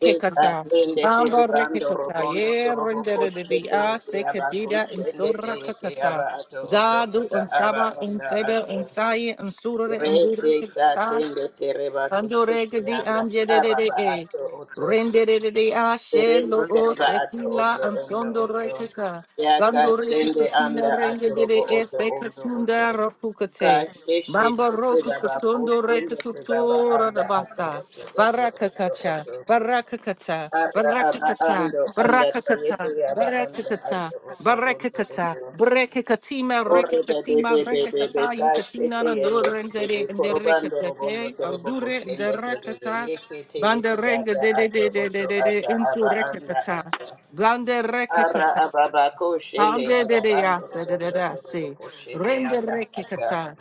Speaker 2: Deka tende te
Speaker 1: Bamba
Speaker 2: ribando
Speaker 1: Rikata.
Speaker 2: robondo
Speaker 1: Ye
Speaker 2: torobo
Speaker 1: rendere
Speaker 2: koshe
Speaker 1: de
Speaker 2: te
Speaker 1: A
Speaker 2: ete aba
Speaker 1: Sekatida and
Speaker 2: koshe te ete
Speaker 1: Sorakakata.
Speaker 2: aba ato oto
Speaker 1: Zadu
Speaker 2: ata aba
Speaker 1: unsaba
Speaker 2: anda
Speaker 1: unsebe
Speaker 2: ato.
Speaker 1: unsaye
Speaker 2: Rete
Speaker 1: unsurere
Speaker 2: tatende tereba
Speaker 1: Andorega di
Speaker 2: kushikianda
Speaker 1: angedede
Speaker 2: araba
Speaker 1: e.
Speaker 2: ato oto
Speaker 1: Rendere de de
Speaker 2: terende
Speaker 1: ashelo o
Speaker 2: tereba ato
Speaker 1: setila
Speaker 2: oto ondo
Speaker 1: ansondo
Speaker 2: oto
Speaker 1: rekeka.
Speaker 2: yaka
Speaker 1: Gandoreke
Speaker 2: tende
Speaker 1: kutina
Speaker 2: anda
Speaker 1: rende de de
Speaker 2: atorobo
Speaker 1: e
Speaker 2: oto ondo oto
Speaker 1: sekatunda rokukate.
Speaker 2: kasheshe
Speaker 1: Mamba roku
Speaker 2: tereba
Speaker 1: kutondo
Speaker 2: kosende tereba
Speaker 1: rekakutura da
Speaker 2: anda ato
Speaker 1: basa.
Speaker 2: oto oto ondo
Speaker 1: Barakakacha,
Speaker 2: oto
Speaker 1: barakakata,
Speaker 2: ara aba
Speaker 1: barakakata,
Speaker 2: ando anda tayete
Speaker 1: barakakata,
Speaker 2: yaba anda
Speaker 1: barakakata,
Speaker 2: ato oto ondo
Speaker 1: Barekakata,
Speaker 2: oto
Speaker 1: Brekakatima,
Speaker 2: Orre be be
Speaker 1: Rekakatima,
Speaker 2: be
Speaker 1: Rekakata,
Speaker 2: kaste
Speaker 1: Yukatina,
Speaker 2: te yende te be
Speaker 1: Durendere, and the
Speaker 2: korobando robondo
Speaker 1: Rekatate,
Speaker 2: torobo
Speaker 1: Aldure, and the
Speaker 2: koshende te be
Speaker 1: Rakata,
Speaker 2: yeke te yete
Speaker 1: Banderenga,
Speaker 2: yata
Speaker 1: de de
Speaker 2: ato
Speaker 1: de de de
Speaker 2: oto
Speaker 1: de de,
Speaker 2: ata
Speaker 1: Insu
Speaker 2: aba anda
Speaker 1: Rekakata,
Speaker 2: ata
Speaker 1: Blande
Speaker 2: ara
Speaker 1: Rekakata,
Speaker 2: ababa koshende
Speaker 1: Pande
Speaker 2: ara
Speaker 1: de de
Speaker 2: bando
Speaker 1: yasa, de de
Speaker 2: robondo
Speaker 1: de
Speaker 2: torobo
Speaker 1: se,
Speaker 2: koshende
Speaker 1: Rende
Speaker 2: ata ata
Speaker 1: Rekakata.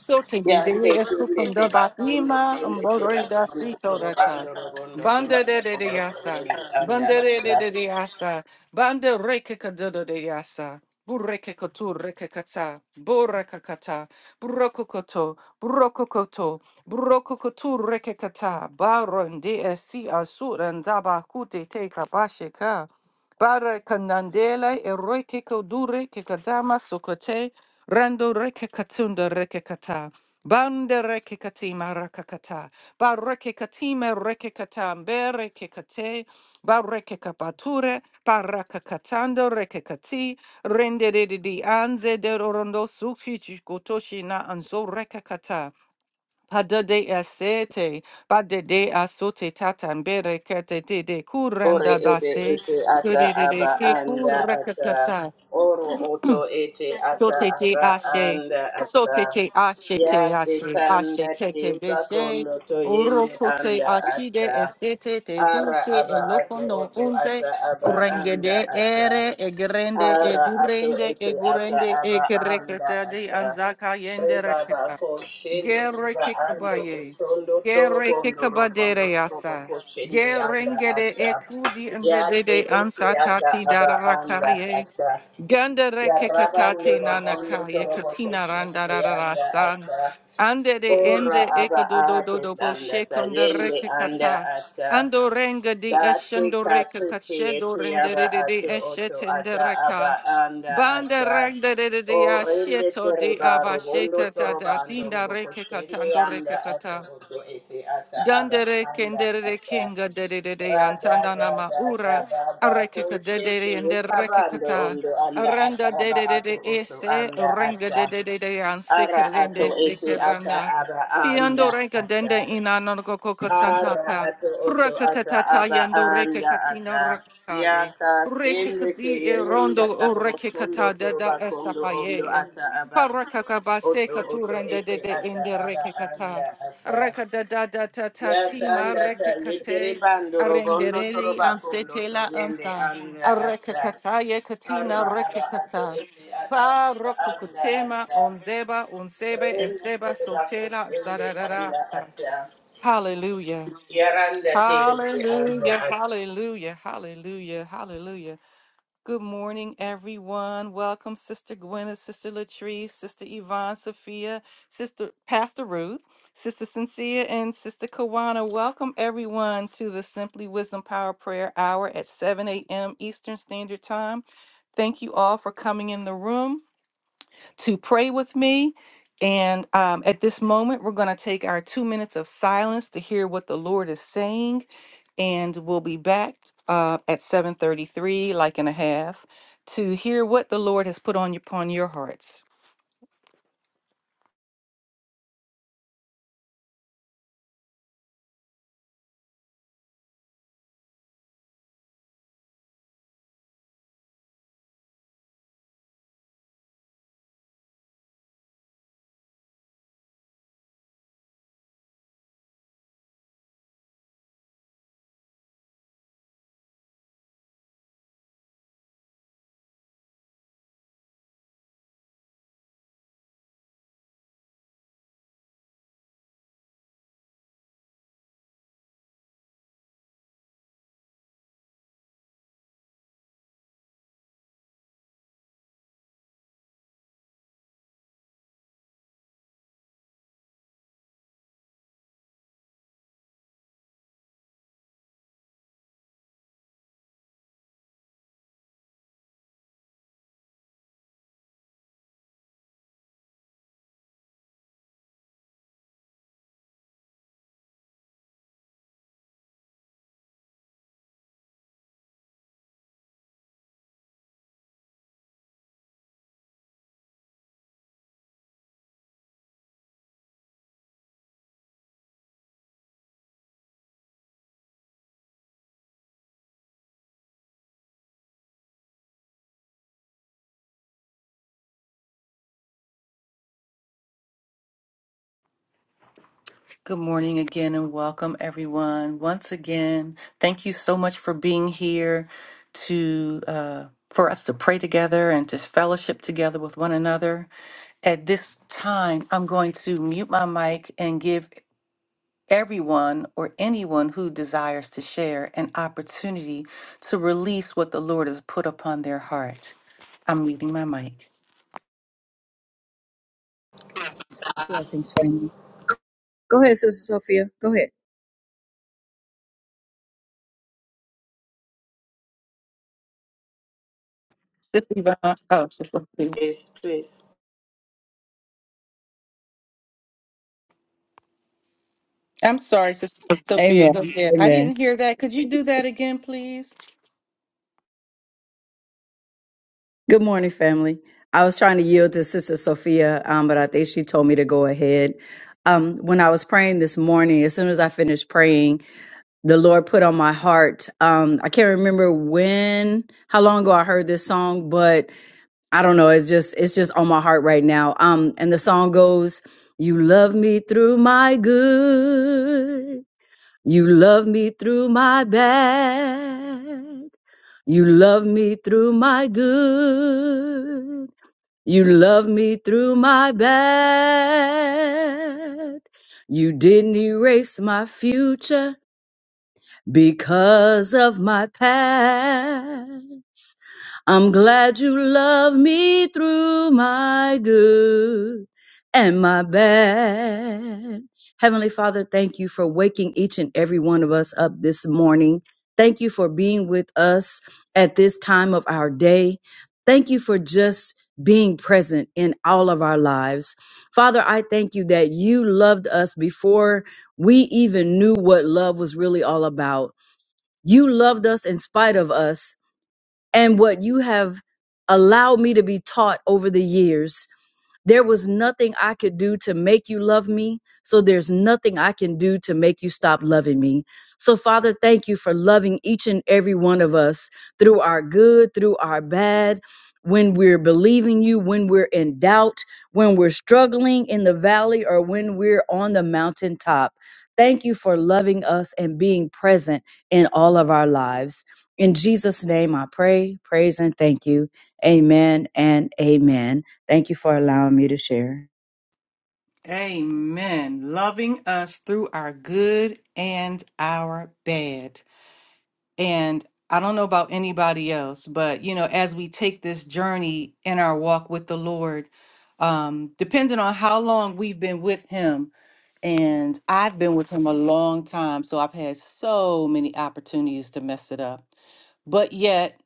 Speaker 1: Sote
Speaker 2: ya te
Speaker 1: dide
Speaker 2: tunde te
Speaker 1: esukunda ba
Speaker 2: bakundo
Speaker 1: ima
Speaker 2: tunde te
Speaker 1: mbodore da
Speaker 2: bakundo
Speaker 1: sito data.
Speaker 2: torobando robondo
Speaker 1: Banda de de
Speaker 2: torobo
Speaker 1: de yasa.
Speaker 2: koshende anda
Speaker 1: Banda de de
Speaker 2: ata
Speaker 1: de de yasa. Banda reke kadodo de yasa. Bureke kotu reke kata. Boreka kata. Buroko koto. Buroko koto. Buroko kotu reke kata. Baron de esi asuran daba kute te kabasheka. Bara kanandela eroike kodure kikadama Rando reke katunda reke kata. Bande reke katima rakakata. Ba reke katime reke kata. Mbe reke kate. Ba reke kapature. Ba rakakatando reke kati. Rende de de di anze de rorondo suki chikotoshi na anzo reke kata. Pada de asete. Ba de de asote tata. Mbe reke te de de
Speaker 2: Ore
Speaker 1: kurenda
Speaker 2: ebe
Speaker 1: dase.
Speaker 2: ete ata
Speaker 1: Kurere
Speaker 2: aba
Speaker 1: ke
Speaker 2: anda ata.
Speaker 1: kurekatata.
Speaker 2: Oro oto ete ata
Speaker 1: Sotete
Speaker 2: aba
Speaker 1: ashe,
Speaker 2: anda ata.
Speaker 1: sotete
Speaker 2: Ya
Speaker 1: ashete
Speaker 2: te
Speaker 1: ashe, ashe
Speaker 2: kanda te
Speaker 1: tete beshe,
Speaker 2: bakondo to yende
Speaker 1: orokote
Speaker 2: anda
Speaker 1: ashide
Speaker 2: ata.
Speaker 1: esete te
Speaker 2: Ara
Speaker 1: dulce
Speaker 2: aba ato
Speaker 1: elocono
Speaker 2: oto
Speaker 1: unze,
Speaker 2: ata aba anda
Speaker 1: rengede
Speaker 2: ata.
Speaker 1: ere egrende
Speaker 2: Ara ato
Speaker 1: egurende
Speaker 2: ete ata
Speaker 1: egurende
Speaker 2: aba anda
Speaker 1: egreketa de
Speaker 2: ata.
Speaker 1: anzaka yende
Speaker 2: Eba
Speaker 1: reketa,
Speaker 2: bako shende
Speaker 1: gere
Speaker 2: kuba ando
Speaker 1: kikabaye,
Speaker 2: utondo toro
Speaker 1: gere
Speaker 2: bondo robondo
Speaker 1: kikabadere
Speaker 2: toro
Speaker 1: yasa.
Speaker 2: bako shende anda
Speaker 1: Gerengede
Speaker 2: ata.
Speaker 1: ekudi njede
Speaker 2: Yati
Speaker 1: de
Speaker 2: iti ata
Speaker 1: ansatati
Speaker 2: aba anda
Speaker 1: darakaye
Speaker 2: ata.
Speaker 1: Ganda reke
Speaker 2: Yarabando
Speaker 1: katati nana
Speaker 2: robondo
Speaker 1: kaya
Speaker 2: torobo
Speaker 1: katina randa
Speaker 2: koshende
Speaker 1: rara
Speaker 2: anda
Speaker 1: san.
Speaker 2: ata.
Speaker 1: Ande de
Speaker 2: Ora
Speaker 1: enze
Speaker 2: aba
Speaker 1: eko do do do
Speaker 2: ato
Speaker 1: do bo
Speaker 2: tanda
Speaker 1: shekunda
Speaker 2: tayende
Speaker 1: reke
Speaker 2: anda
Speaker 1: kata.
Speaker 2: ata.
Speaker 1: Ando renga di
Speaker 2: Dati
Speaker 1: eshendo reke
Speaker 2: katiti
Speaker 1: kashedo
Speaker 2: iti
Speaker 1: rendere
Speaker 2: aba
Speaker 1: de de
Speaker 2: atu oto
Speaker 1: eshetende
Speaker 2: ata aba
Speaker 1: reka.
Speaker 2: anda
Speaker 1: Banda
Speaker 2: ata.
Speaker 1: renda de de de
Speaker 2: Orende
Speaker 1: asheto di
Speaker 2: tereba
Speaker 1: abasheta
Speaker 2: robondo
Speaker 1: da da
Speaker 2: torobando
Speaker 1: tinda
Speaker 2: robo
Speaker 1: reke
Speaker 2: koshende
Speaker 1: katando reke
Speaker 2: anda ato
Speaker 1: kata.
Speaker 2: oto eti ata aba
Speaker 1: Dandere
Speaker 2: anda
Speaker 1: kendere
Speaker 2: ata.
Speaker 1: kinga dedede
Speaker 2: Rada
Speaker 1: antandanama
Speaker 2: rada
Speaker 1: ura
Speaker 2: rada bako
Speaker 1: arekeka dedede
Speaker 2: shiki
Speaker 1: and
Speaker 2: Kabando
Speaker 1: derekekata
Speaker 2: ondo anda
Speaker 1: aranda
Speaker 2: ataraba ato
Speaker 1: dedede
Speaker 2: oto
Speaker 1: ese
Speaker 2: anda
Speaker 1: renga
Speaker 2: ata
Speaker 1: dedede
Speaker 2: ara ato
Speaker 1: ansekerende
Speaker 2: ete ata
Speaker 1: sekeranga
Speaker 2: aba
Speaker 1: piando
Speaker 2: anda
Speaker 1: renga
Speaker 2: ata
Speaker 1: dende inanoko koko
Speaker 2: ara
Speaker 1: santapa
Speaker 2: ato oto ata
Speaker 1: prakatatata
Speaker 2: aba
Speaker 1: yando reke
Speaker 2: anda
Speaker 1: katina
Speaker 2: ata
Speaker 1: rakaye
Speaker 2: yaka
Speaker 1: reke
Speaker 2: sende te
Speaker 1: kadi e
Speaker 2: irenda
Speaker 1: rondo o
Speaker 2: kabro
Speaker 1: reke
Speaker 2: sondo
Speaker 1: kata dada
Speaker 2: turuba kondo ondo
Speaker 1: esapaye
Speaker 2: ata aba
Speaker 1: parakakabase
Speaker 2: oto oto
Speaker 1: katurende
Speaker 2: ete
Speaker 1: dede
Speaker 2: ata
Speaker 1: ende
Speaker 2: aba
Speaker 1: reke kata
Speaker 2: anda ata Yes,
Speaker 1: Rakadadadatatima
Speaker 2: and that uh, little
Speaker 1: rekakate
Speaker 2: band, Robondo,
Speaker 1: arendereli
Speaker 2: Torobaco,
Speaker 1: ansetela
Speaker 2: Yende,
Speaker 1: ansa
Speaker 2: and uh, uh,
Speaker 1: arekakataye
Speaker 2: Arra,
Speaker 1: katina
Speaker 2: Arra, Ato,
Speaker 1: rekakata
Speaker 2: Ete, Ata,
Speaker 1: pa
Speaker 2: ata Anda,
Speaker 1: rokukutema
Speaker 2: at uh,
Speaker 1: onzeba onsebe
Speaker 2: Ren,
Speaker 1: eseba
Speaker 2: Torobaco,
Speaker 1: sotela sararara
Speaker 2: Anda,
Speaker 1: sa.
Speaker 2: at uh,
Speaker 1: Hallelujah.
Speaker 2: Yaranda, Tende,
Speaker 1: Hallelujah,
Speaker 2: Anda, at
Speaker 1: hallelujah, hallelujah, hallelujah, Good morning, everyone. Welcome, Sister Gwyneth, Sister Latrice, Sister Yvonne, Sophia, Sister Pastor Ruth, Sister Cynthia, and Sister Kawana. Welcome, everyone, to the Simply Wisdom Power Prayer Hour at 7 a.m. Eastern Standard Time. Thank you all for coming in the room to pray with me. And um, at this moment, we're going to take our two minutes of silence to hear what the Lord is saying. And we'll be back uh, at 7:33, like and a half, to hear what the Lord has put on upon your hearts. Good morning again, and welcome everyone once again. Thank you so much for being here to uh, for us to pray together and to fellowship together with one another. At this time, I'm going to mute my mic and give everyone or anyone who desires to share an opportunity to release what the Lord has put upon their heart. I'm muting my mic.
Speaker 3: Blessings, family. Go ahead, Sister Sophia. Go ahead.
Speaker 1: Sister Yvonne, oh, Sister Sophia.
Speaker 2: Yes, please.
Speaker 1: I'm sorry, Sister Sophia,
Speaker 3: Amen.
Speaker 1: go ahead. I
Speaker 3: Amen.
Speaker 1: didn't hear that. Could you do that again, please?
Speaker 3: Good morning, family. I was trying to yield to Sister Sophia, um, but I think she told me to go ahead. Um, when I was praying this morning, as soon as I finished praying, the Lord put on my heart. Um, I can't remember when, how long ago I heard this song, but I don't know. It's just, it's just on my heart right now. Um, and the song goes, "You love me through my good." You love me through my bad. You love me through my good. You love me through my bad. You didn't erase my future because of my past. I'm glad you love me through my good and my bad. Heavenly Father, thank you for waking each and every one of us up this morning. Thank you for being with us at this time of our day. Thank you for just being present in all of our lives. Father, I thank you that you loved us before we even knew what love was really all about. You loved us in spite of us and what you have allowed me to be taught over the years there was nothing I could do to make you love me. So there's nothing I can do to make you stop loving me. So, Father, thank you for loving each and every one of us through our good, through our bad, when we're believing you, when we're in doubt, when we're struggling in the valley, or when we're on the mountaintop. Thank you for loving us and being present in all of our lives. In Jesus' name, I pray, praise, and thank you. Amen and amen. Thank you for allowing me to share.
Speaker 1: Amen. Loving us through our good and our bad. And I don't know about anybody else, but you know, as we take this journey in our walk with the Lord, um, depending on how long we've been with Him, and I've been with Him a long time, so I've had so many opportunities to mess it up. But yet,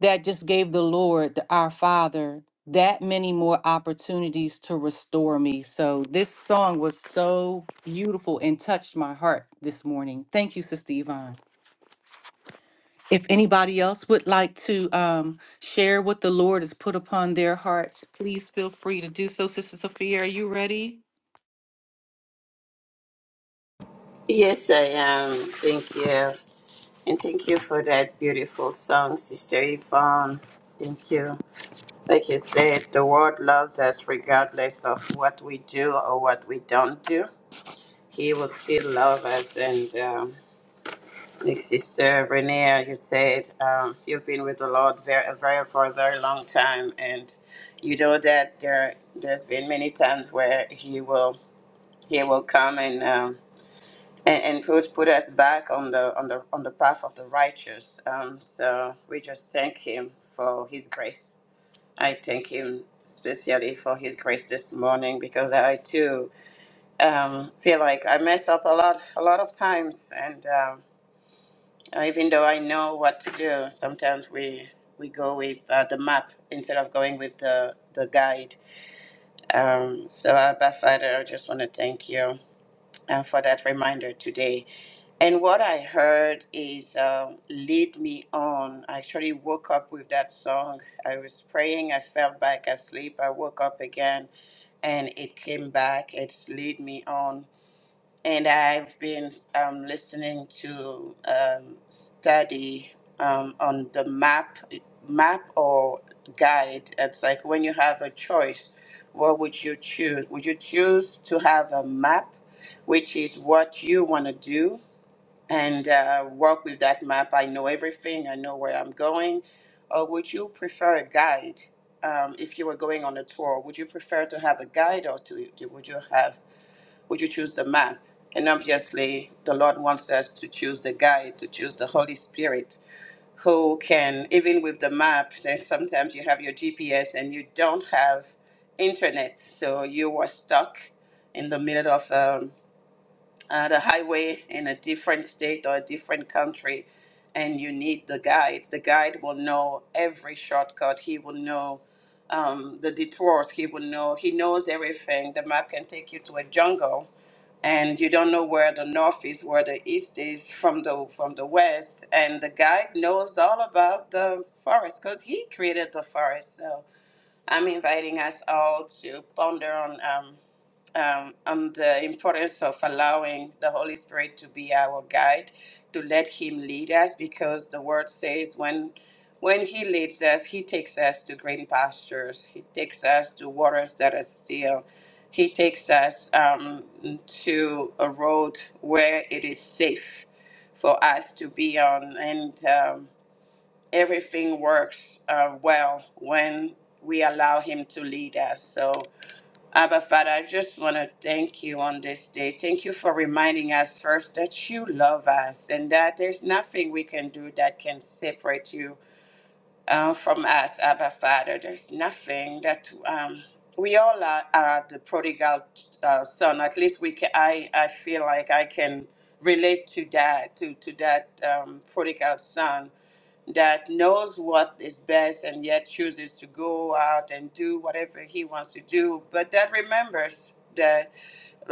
Speaker 1: that just gave the Lord, the, our Father, that many more opportunities to restore me. So this song was so beautiful and touched my heart this morning. Thank you, Sister Yvonne. If anybody else would like to um, share what the Lord has put upon their hearts, please feel free to do so. Sister Sophia, are you ready?
Speaker 2: Yes, I am. Thank you. And thank you for that beautiful song, Sister Yvonne. Thank you. Like you said, the world loves us regardless of what we do or what we don't do. He will still love us. And um, Sister Renea, you said um, you've been with the Lord very, very for a very long time, and you know that there there's been many times where He will He will come and. Um, and, and put, put us back on the on the on the path of the righteous. Um, so we just thank him for his grace. I thank him especially for his grace this morning because I too um, feel like I mess up a lot, a lot of times, and um, even though I know what to do, sometimes we we go with uh, the map instead of going with the the guide. Um, so, Abba Father, I just want to thank you uh, for that reminder today. And what I heard is um "Lead Me On." I actually woke up with that song. I was praying. I fell back asleep. I woke up again, and it came back. It's "Lead Me On." and I've been um, listening to um, study um, on the map, map or guide. It's like when you have a choice, what would you choose? Would you choose to have a map, which is what you want to do, and uh, work with that map? I know everything. I know where I'm going. Or would you prefer a guide? Um, if you were going on a tour, would you prefer to have a guide or to would you have would you choose the map? And obviously, the Lord wants us to choose the guide, to choose the Holy Spirit, who can, even with the map, there's sometimes you have your GPS and you don't have internet. So you were stuck in the middle of um, uh, the highway in a different state or a different country, and you need the guide. The guide will know every shortcut, he will know um, the detours, he will know, he knows everything. The map can take you to a jungle and you don't know where the north is, where the east is from the from the west. And the guide knows all about the forest because he created the forest. So I'm inviting us all to ponder on. Um, um, on the importance of allowing the Holy Spirit to be our guide, to let Him lead us, because the Word says when when He leads us, He takes us to green pastures. He takes us to waters that are still. He takes us um, to a road where it is safe for us to be on, and um, everything works uh, well when we allow Him to lead us. So Abba, Father, I just want to thank you on this day. Thank you for reminding us first that you love us and that there's nothing we can do that can separate you uh, from us, Abba, Father. There's nothing that um, we all are, are the prodigal uh, son. At least we can, I, I feel like I can relate to that, to, to that um, prodigal son that knows what is best and yet chooses to go out and do whatever he wants to do, but that remembers that.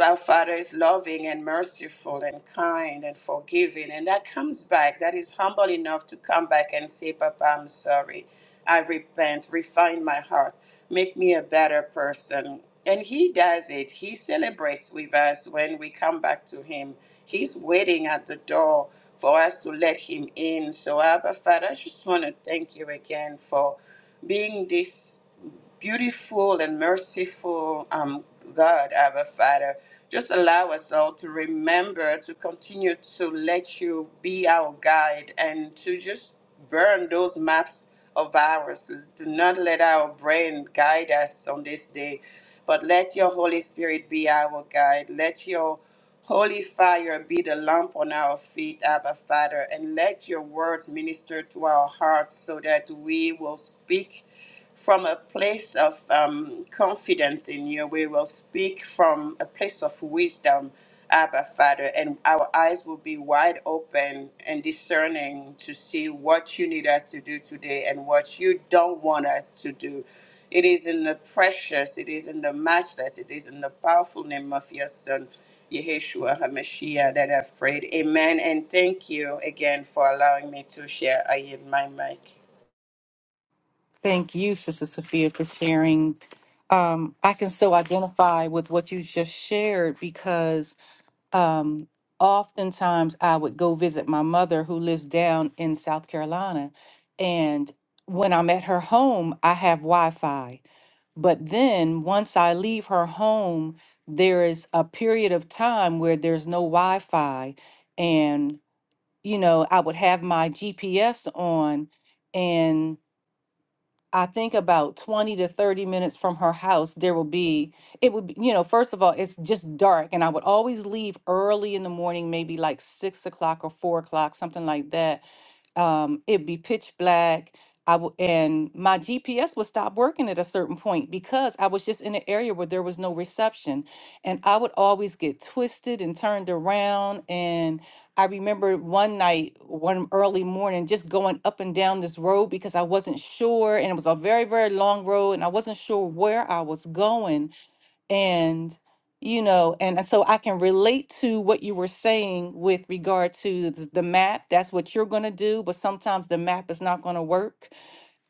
Speaker 2: Our Father is loving and merciful and kind and forgiving. And that comes back. That is humble enough to come back and say, Papa, I'm sorry. I repent. Refine my heart. Make me a better person. And He does it. He celebrates with us when we come back to Him. He's waiting at the door for us to let Him in. So, Abba, Father, I just want to thank you again for being this beautiful and merciful um, God, Abba Father. Just allow us all to remember to continue to let you be our guide and to just burn those maps of ours. Do not let our brain guide us on this day, but let your Holy Spirit be our guide. Let your Holy fire be the lamp on our feet, Abba Father, and let your words minister to our hearts so that we will speak from a place of um, confidence in you. We will speak from a place of wisdom, Abba Father, and our eyes will be wide open and discerning to see what you need us to do today and what you don't want us to do. It is in the precious, it is in the matchless, it is in the powerful name of your Son, Yeshua HaMashiach, that I've prayed. Amen. And thank you again for allowing me to share. I yield my mic.
Speaker 1: Thank you, Sister Sophia, for sharing. Um, I can so identify with what you just shared because um, oftentimes I would go visit my mother who lives down in South Carolina. And when I'm at her home, I have Wi Fi. But then once I leave her home, there is a period of time where there's no Wi-Fi. And, you know, I would have my GPS on, and I think about 20 to 30 minutes from her house, there will be, it would be, you know, first of all, it's just dark. And I would always leave early in the morning, maybe like six o'clock or four o'clock, something like that um, it'd be pitch black. I w- and my GPS would stop working at a certain point because I was just in an area where there was no reception, and I would always get twisted and turned around. And I remember one night, one early morning, just going up and down this road because I wasn't sure, and it was a very very long road, and I wasn't sure where I was going and you know and uh, so i can relate to what you were saying with regard to th- the map that's what you're going to do but sometimes the map is not going to work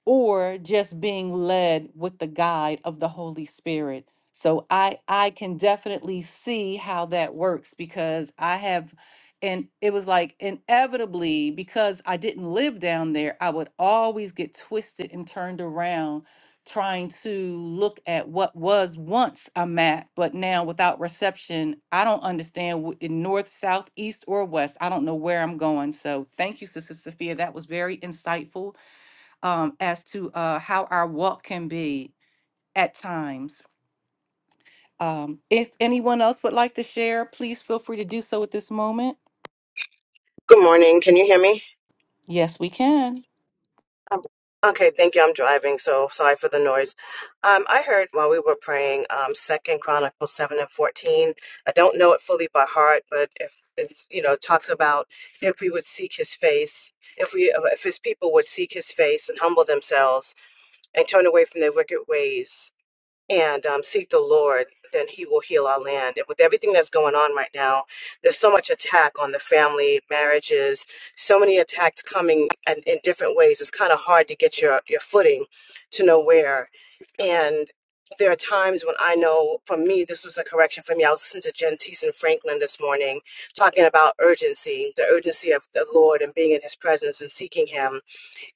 Speaker 1: or just being led with the guide of the Holy Spirit. So I I can definitely see how that works because I have and it was like inevitably because I didn't live down there, I would always get twisted and turned around trying to look at what was once a map, but now without reception, I don't understand wh- in north, south, east, or west. I don't know where I'm going. So thank you, Sister Sophia. That was very insightful um, as to uh, how our walk can be at times. Um, if anyone else would like to share, please feel free to do so at this moment.
Speaker 4: Good morning. Can you hear me?
Speaker 1: Yes, we can.
Speaker 4: Um, Okay, thank you. I'm driving, so sorry for the noise. Um, I heard while we were praying, um, Second Chronicles seven and fourteen. I don't know it fully by heart, but if it's you know it talks about if we would seek His face, if we if His people would seek His face and humble themselves and turn away from their wicked ways, and um, seek the Lord, then He will heal our land. And With everything that's going on right now, there's so much attack on the family, marriages, so many attacks coming and in different ways. It's kind of hard to get your, your footing to know where. And there are times when I know, for me, this was a correction for me. I was listening to Jen and Franklin this morning talking about urgency, the urgency of the Lord and being in His presence and seeking Him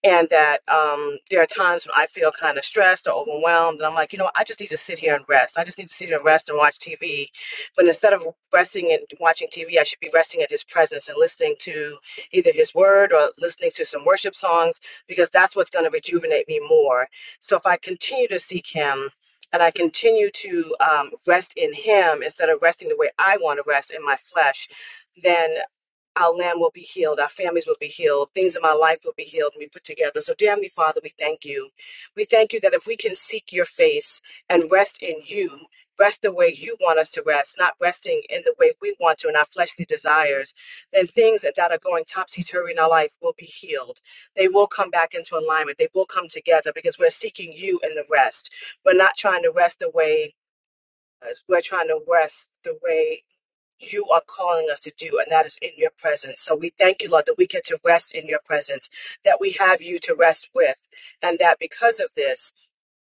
Speaker 4: and that um, there are times when I feel kind of stressed or overwhelmed, and I'm like, you know, I just need to sit here and rest. I just need to sit here and rest and watch TV. But instead of resting and watching TV, I should be resting in His presence and listening to either His Word or listening to some worship songs because that's what's going to rejuvenate me more. So if I continue to seek Him. And I continue to um, rest in Him instead of resting the way I want to rest in my flesh, then our land will be healed, our families will be healed, things in my life will be healed and be put together. So, dear Heavenly Father, we thank you. We thank you that if we can seek your face and rest in you, rest the way you want us to rest, not resting in the way we want to in our fleshly desires, then things that are going topsy turvy in our life will be healed. They will come back into alignment, they will come together because we're seeking you in the rest. We're not trying to rest the way. uh, We're trying to rest the way you are calling us to do, and that is in your presence. So we thank you, Lord, that we get to rest in your presence, that we have you to rest with, and that because of this,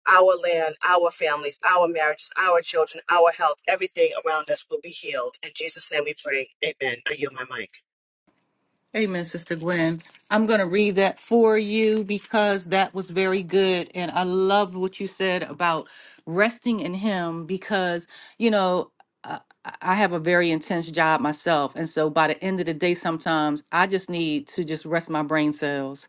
Speaker 4: our land, our families, our marriages, our children, our health, everything around us will be healed. In Jesus' name we pray. Amen. I yield my mic.
Speaker 1: Amen, Sister Gwen. I'm going to read that for you because that was very good. And I love what you said about resting in Him because, you know, I I- I have a very intense job myself. And so by the end of the day, sometimes I just need to just rest my brain cells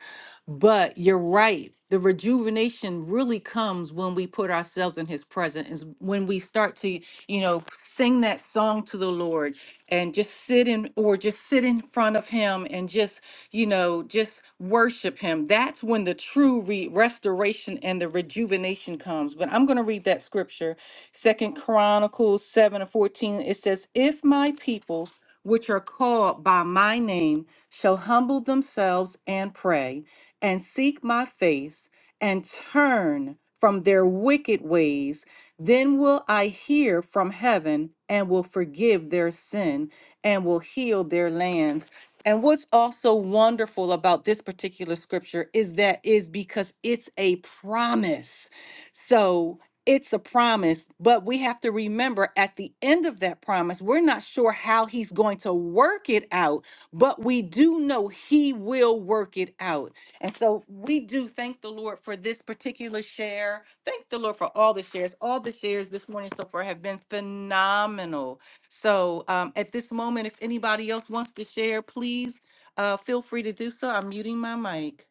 Speaker 1: But you're right. The rejuvenation really comes when we put ourselves in his presence, is when we start to, you know, sing that song to the Lord and just sit in or just sit in front of him and just, you know, just worship him. That's when the true re- restoration and the rejuvenation comes. But I'm going to read that scripture. Second Chronicles 7 and 14. It says, If my people which are called by my name shall humble themselves and pray and seek my face and turn from their wicked ways, then will I hear from heaven and will forgive their sin and will heal their land. And what's also wonderful about this particular scripture is that is because it's a promise so it's a promise, but we have to remember at the end of that promise, we're not sure how he's going to work it out, but we do know he will work it out. And so we do thank the Lord for this particular share. Thank the Lord for all the shares. All the shares this morning so far have been phenomenal. So um, at this moment, if anybody else wants to share, please uh, feel free to do so. I'm muting my mic.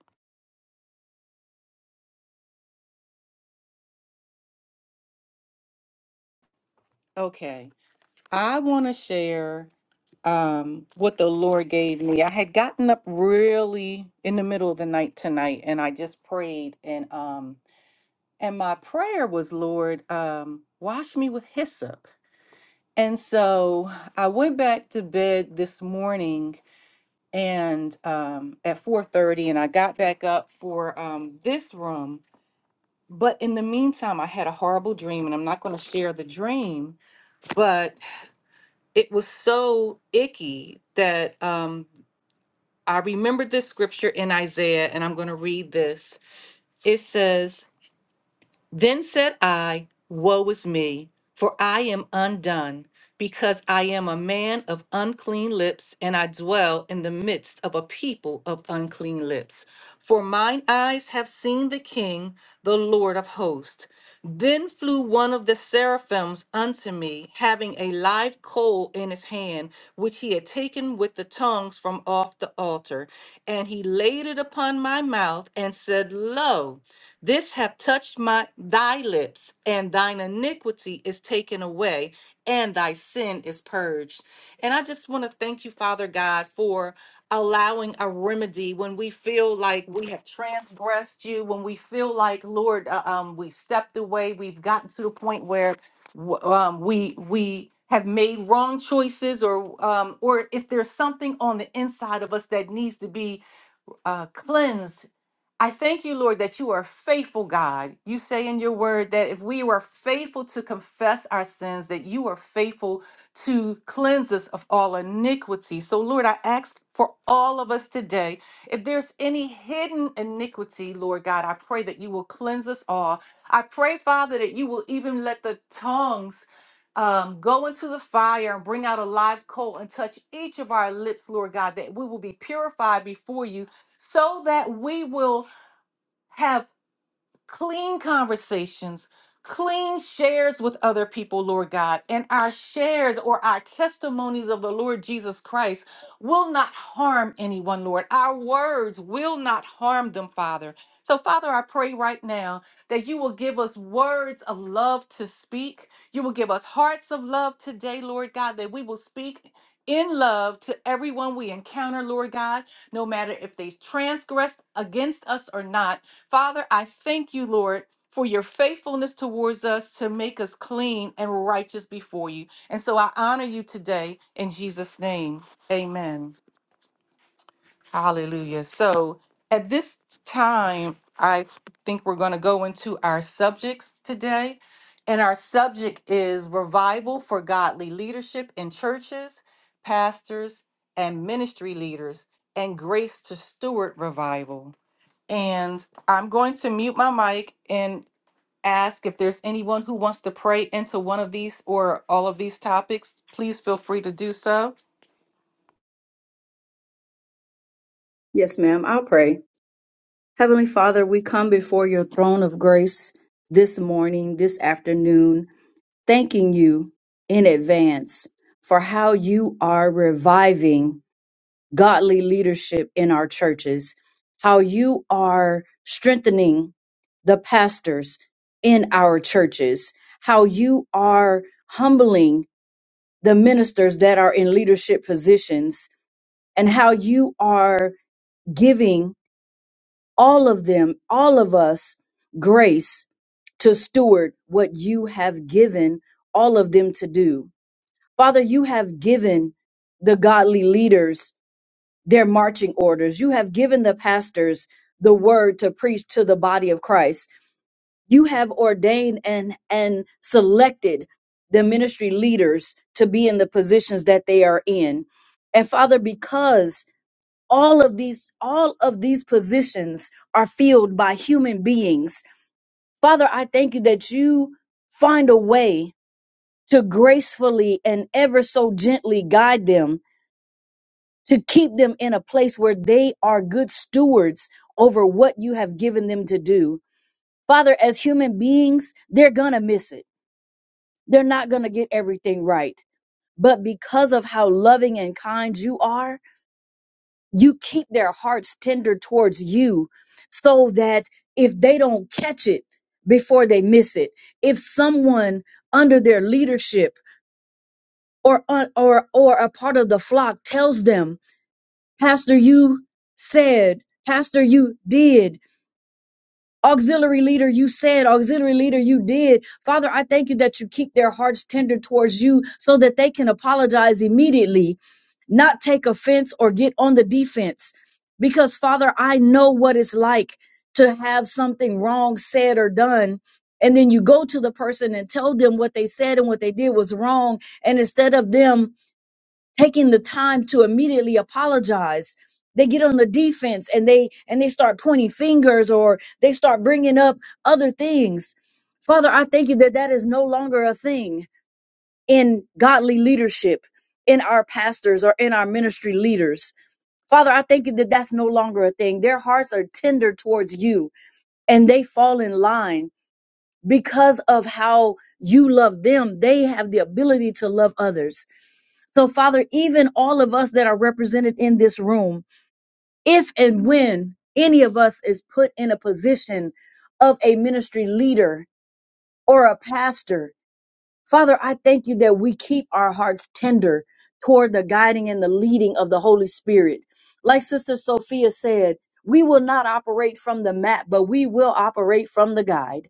Speaker 1: Okay. I want to share um, what the Lord gave me. I had gotten up really in the middle of the night tonight, and I just prayed, and um, and my prayer was, Lord, um, wash me with hyssop. And so I went back to bed this morning, and um, at four thirty, and I got back up for um, this room. But in the meantime, I had a horrible dream, and I'm not going to share the dream, but it was so icky that um, I remembered this scripture in Isaiah, and I'm going to read this. It says, then said I, Woe is me, for I am undone, because I am a man of unclean lips, and I dwell in the midst of a people of unclean lips. For mine eyes have seen the King, the Lord of hosts. Then flew one of the seraphims unto me, having a live coal in his hand, which he had taken with the tongs from off the altar. And he laid it upon my mouth and said, Lo, this hath touched my thy lips, and thine iniquity is taken away, and thy sin is purged. And I just want to thank you, Father God, for allowing a remedy when we feel like we have transgressed you, when we feel like, Lord, uh, um, we've stepped away, we've gotten to the point where w- um, we we have made wrong choices, or um, or if there's something on the inside of us that needs to be uh, cleansed. I thank you, Lord, that you are a faithful, God. You say in your word that if we were faithful to confess our sins, that you are faithful to cleanse us of all iniquity. So, Lord, I ask for all of us today, if there's any hidden iniquity, Lord God, I pray that you will cleanse us all. I pray, Father, that you will even let the tongues um, go into the fire and bring out a live coal and touch each of our lips, Lord God, that we will be purified before you so that we will have clean conversations, clean shares with other people, Lord God. And our shares or our testimonies of the Lord Jesus Christ will not harm anyone, Lord. Our words will not harm them, Father. So, Father, I pray right now that you will give us words of love to speak. You will give us hearts of love today, Lord God, that we will speak in love to everyone we encounter, Lord God, no matter if they transgress against us or not. Father, I thank you, Lord, for your faithfulness towards us to make us clean and righteous before you. And so I honor you today in Jesus' name. Amen. Hallelujah. So at this time, I think we're going to go into our subjects today. And our subject is revival for godly leadership in churches, pastors, and ministry leaders, and grace to steward revival. And I'm going to mute my mic and ask if there's anyone who wants to pray into one of these or all of these topics, please feel free to do so.
Speaker 3: Yes, ma'am. I'll pray. Heavenly Father, we come before your throne of grace this morning, this afternoon, thanking you in advance for how you are reviving godly leadership in our churches, how you are strengthening the pastors in our churches, how you are humbling the ministers that are in leadership positions, and how you are giving all of them, all of us, grace to steward what you have given all of them to do. Father, you have given the godly leaders their marching orders. You have given the pastors the word to preach to the body of Christ. You have ordained and, and selected the ministry leaders to be in the positions that they are in. And Father, because all of these all of these positions are filled by human beings father i thank you that you find a way to gracefully and ever so gently guide them to keep them in a place where they are good stewards over what you have given them to do father as human beings they're gonna miss it they're not gonna get everything right but because of how loving and kind you are you keep their hearts tender towards you so that if they don't catch it before they miss it if someone under their leadership or un- or or a part of the flock tells them pastor you said pastor you did Auxiliary leader, you said, auxiliary leader, you did. Father, I thank you that you keep their hearts tender towards you so that they can apologize immediately, not take offense or get on the defense. Because, Father, I know what it's like to have something wrong said or done. And then you go to the person and tell them what they said and what they did was wrong. And instead of them taking the time to immediately apologize they get on the defense and they and they start pointing fingers or they start bringing up other things father i thank you that that is no longer a thing in godly leadership in our pastors or in our ministry leaders father i thank you that that's no longer a thing their hearts are tender towards you and they fall in line because of how you love them they have the ability to love others so, Father, even all of us that are represented in this room, if and when any of us is put in a position of a ministry leader or a pastor, Father, I thank you that we keep our hearts tender toward the guiding and the leading of the Holy Spirit. Like Sister Sophia said, we will not operate from the map, but we will operate from the guide.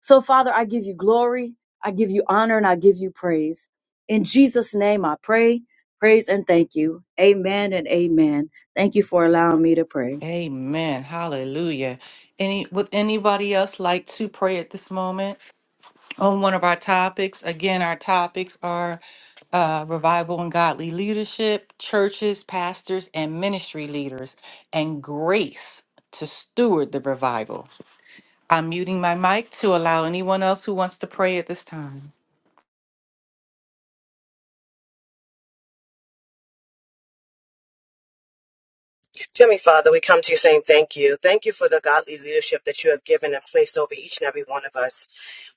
Speaker 3: So, Father, I give you glory, I give you honor, and I give you praise. In Jesus' name, I pray, praise, and thank you. Amen and amen. Thank you for allowing me to pray.
Speaker 1: Amen. Hallelujah. Any would anybody else like to pray at this moment on one of our topics? Again, our topics are uh, revival and godly leadership, churches, pastors, and ministry leaders, and grace to steward the revival. I'm muting my mic to allow anyone else who wants to pray at this time.
Speaker 4: Dear me, Father, we come to you saying thank you. Thank you for the godly leadership that you have given and placed over each and every one of us.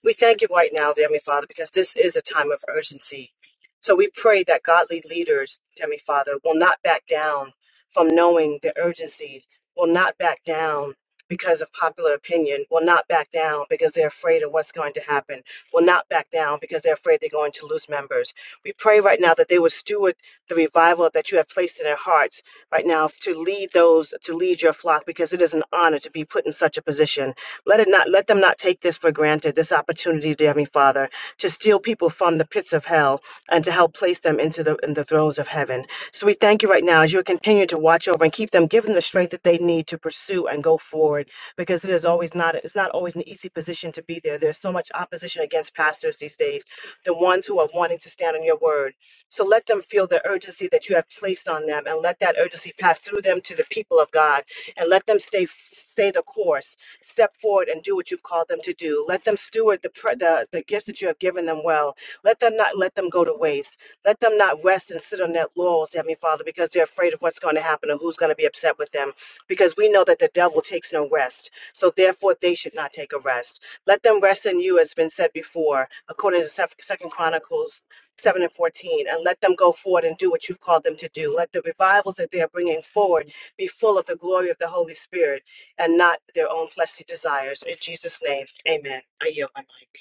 Speaker 4: We thank you right now, dear me, Father, because this is a time of urgency. So we pray that godly leaders, dear me, Father, will not back down from knowing the urgency, will not back down because of popular opinion, will not back down because they're afraid of what's going to happen, will not back down because they're afraid they're going to lose members. We pray right now that they would steward the revival that you have placed in their hearts right now to lead those to lead your flock because it is an honor to be put in such a position let it not let them not take this for granted this opportunity dear heavenly father to steal people from the pits of hell and to help place them into the in the thrones of heaven so we thank you right now as you continue to watch over and keep them give them the strength that they need to pursue and go forward because it is always not it's not always an easy position to be there there's so much opposition against pastors these days the ones who are wanting to stand on your word so let them feel the urgency that you have placed on them and let that urgency pass through them to the people of God and let them stay stay the course, step forward and do what you've called them to do. Let them steward the, pre- the the gifts that you have given them well. Let them not let them go to waste. Let them not rest and sit on their laurels, Heavenly Father, because they're afraid of what's going to happen or who's going to be upset with them. Because we know that the devil takes no rest. So therefore they should not take a rest. Let them rest in you, as been said before, according to Second Chronicles 7 and 14, and let them go forward and do what you've called them to do. Let the revivals that they are bringing forward be full of the glory of the Holy Spirit and not their own fleshly desires. In Jesus' name, amen. I yield my mic.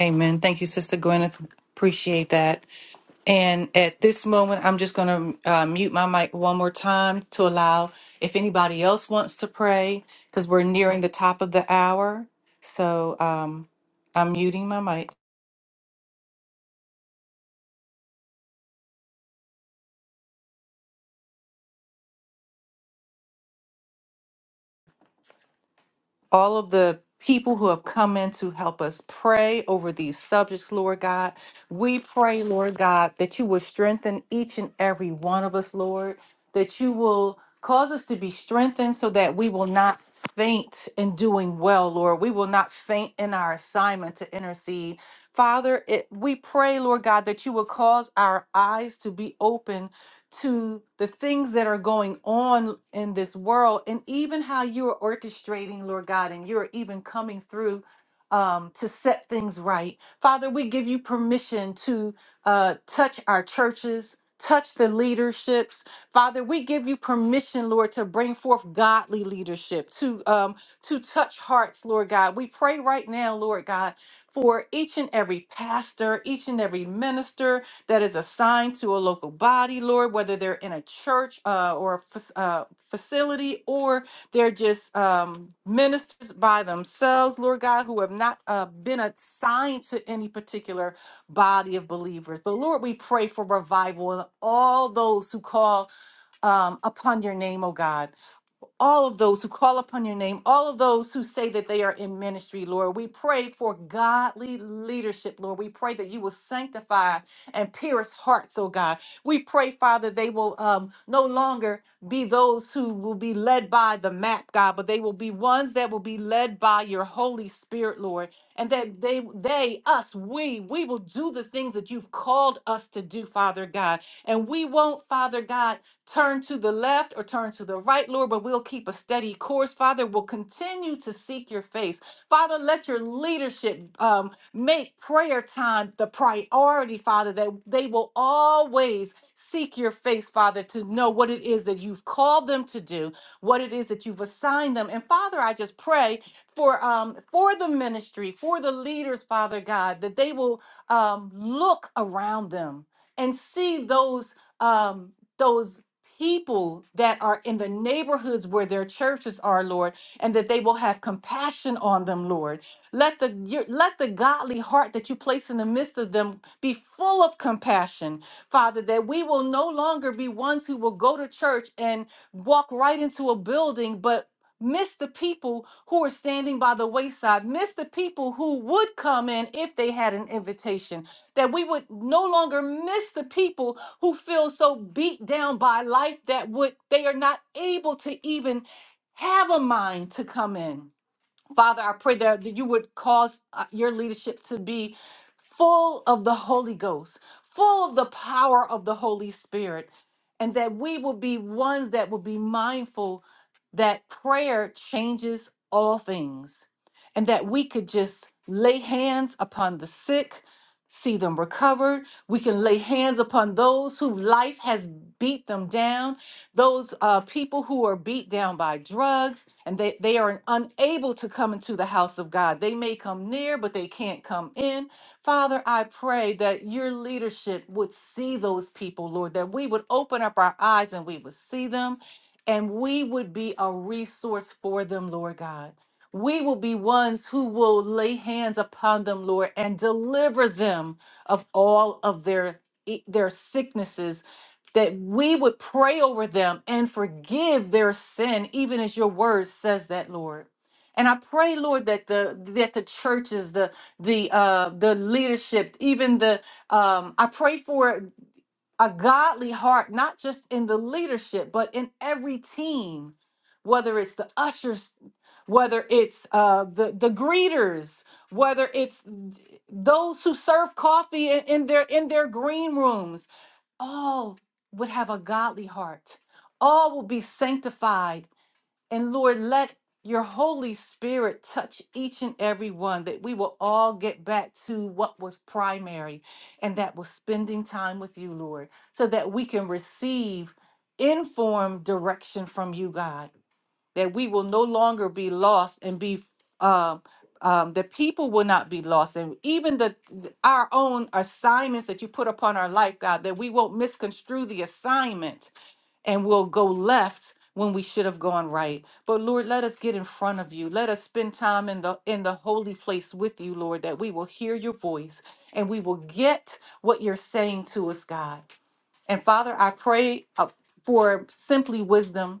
Speaker 1: Amen. Thank you, Sister Gwyneth. Appreciate that. And at this moment, I'm just going to uh, mute my mic one more time to allow if anybody else wants to pray, because we're nearing the top of the hour. So um, I'm muting my mic. all of the people who have come in to help us pray over these subjects, Lord God. We pray, Lord God, that you will strengthen each and every one of us, Lord, that you will cause us to be strengthened so that we will not faint in doing well, Lord. We will not faint in our assignment to intercede. Father, it, we pray, Lord God, that you will cause our eyes to be open to the things that are going on in this world and even how you are orchestrating, Lord God, and you're even coming through um, to set things right. Father, we give you permission to uh, touch our churches. Touch the leaderships. Father, we give you permission, Lord, to bring forth godly leadership, to um, to touch hearts, Lord God. We pray right now, Lord God, for each and every pastor, each and every minister, that is assigned to a local body, Lord, whether they're in a church uh, or a fac- uh, facility or they're just um, ministers by themselves, Lord God, who have not uh, been assigned to any particular body of believers. But Lord, we pray for revival in all those who call um, upon your name, oh God. All of those who call upon your name, all of those who say that they are in ministry, Lord, we pray for godly leadership, Lord. We pray that you will sanctify and pierce hearts, oh God. We pray, Father, they will um, no longer be those who will be led by the map, God, but they will be ones that will be led by your Holy Spirit, Lord. And that they, they, us, we, we will do the things that you've called us to do, Father God. And we won't, Father God, turn to the left or turn to the right, Lord, but we'll keep a steady course yours, Father, will continue to seek your face. Father, let your leadership um, make prayer time the priority, Father, that they will always seek your face, Father, to know what it is that you've called them to do, what it is that you've assigned them. And Father, I just pray for um, for the ministry, for the leaders, Father God, that they will um, look around them and see those um, those people that are in the neighborhoods where their churches are, Lord, and that they will have compassion on them, Lord. Let the your- let the godly heart that you place in the midst of them be full of compassion, Father, that we will no longer be ones who will go to church and walk right into a building, but Miss the people who are standing by the wayside. Miss the people who would come in if they had an invitation that we would no longer miss the people who feel so beat down by life that would they are not able to even have a mind to come in Father, I pray that, that you would cause uh, your leadership to be full of the Holy Ghost, full of the power of the Holy Spirit, and that we will be ones that will be mindful that prayer changes all things, and that we could just lay hands upon the sick, see them recovered. We can lay hands upon those whose life has beat them down those uh, people who are beat down by drugs and they, they are unable to come into the house of God. They may come near, but they can't come in. Father, I pray that your leadership would see those people, Lord, that we would open up our eyes and we would see them and we would be a resource for them, Lord God. We will be ones who will lay hands upon them, Lord, and deliver them of all of their e- their sicknesses that we would pray over them and forgive their sin, even as your word says that, Lord. And I pray, Lord, that the that the churches, the the uh, the leadership, even the um, I pray for a godly heart, not just in the leadership, but in every team, whether it's the ushers, whether it's uh, the the greeters, whether it's those who serve coffee in, in their in their green rooms, all would have a godly heart. All will be sanctified. And Lord, let your Holy Spirit touch each and every one that we will all get back to what was primary, and that was spending time with you, Lord, so that we can receive informed direction from you, God that we will no longer be lost and be um, um, that people will not be lost and even the th- our own assignments that you put upon our life god that we won't misconstrue the assignment and we'll go left when we should have gone right but lord let us get in front of you let us spend time in the in the holy place with you lord that we will hear your voice and we will get what you're saying to us god and father i pray uh, for simply wisdom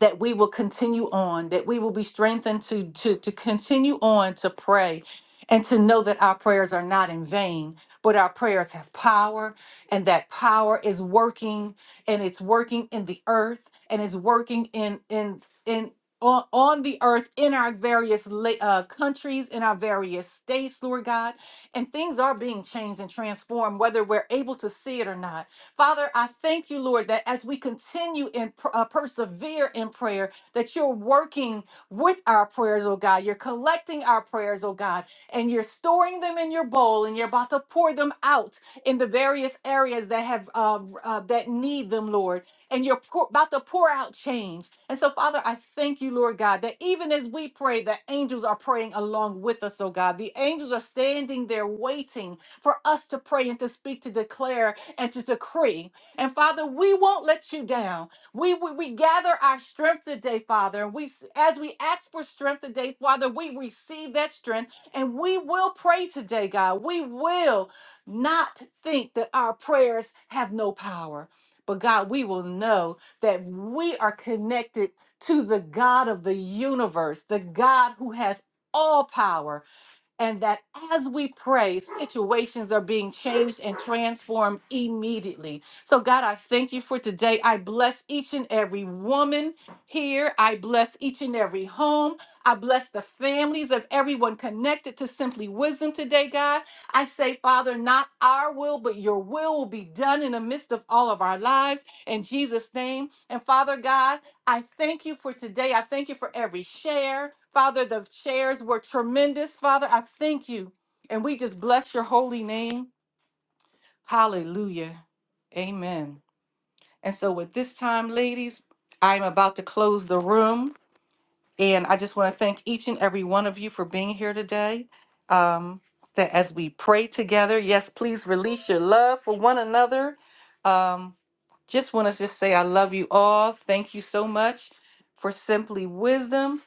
Speaker 1: that we will continue on, that we will be strengthened to, to, to continue on to pray and to know that our prayers are not in vain, but our prayers have power and that power is working and it's working in the earth and it's working in, in, in, on, on the earth in our various la- uh, countries in our various states lord god and things are being changed and transformed whether we're able to see it or not Father, I thank you, Lord, that as we continue and per- uh, persevere in prayer, that you're working with our prayers, oh God. You're collecting our prayers, oh God, and you're storing them in your bowl, and you're about to pour them out in the various areas that have uh, uh, that need them, Lord. And you're pour, about to pour out change. And so, Father, I thank you, Lord God, that even as we pray, the angels are praying along with us, oh God. The angels are standing there waiting for us to pray and to speak, to declare and to decree. And Father, we won't let you down. We, we we gather our strength today, Father. And we as we ask for strength today, Father, we receive that strength and we will pray today, God. We will not think that our prayers have no power. But God, we will know that we are connected to the God of the universe, the God who has all power, and that as we pray, situations are being changed and transformed immediately. So, God, I thank you for today. I bless each and every woman here. I bless each and every home. I bless the families of everyone connected to Simply Wisdom today, God. I say, Father, not our will, but your will will be done in the midst of all of our lives. In Jesus' name. And, Father God, I thank you for today. I thank you for every share. Father, the shares were tremendous. Father, I thank you. And we just bless your holy name. Hallelujah. Amen. And so, with this time, ladies, I'm about to close the room. And I just want to thank each and every one of you for being here today. Um, that as we pray together, yes, please release your love for one another. Um, just want to just say I love you all. Thank you so much for simply wisdom.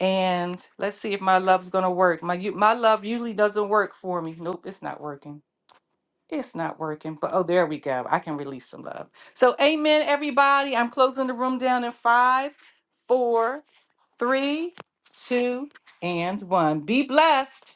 Speaker 1: And let's see if my love's gonna work. My u- my love usually doesn't work for me. Nope, it's not working. It's not working. But oh, there we go. I can release some love. So, amen, everybody. I'm closing the room down in five, four three, two, and one. Be blessed.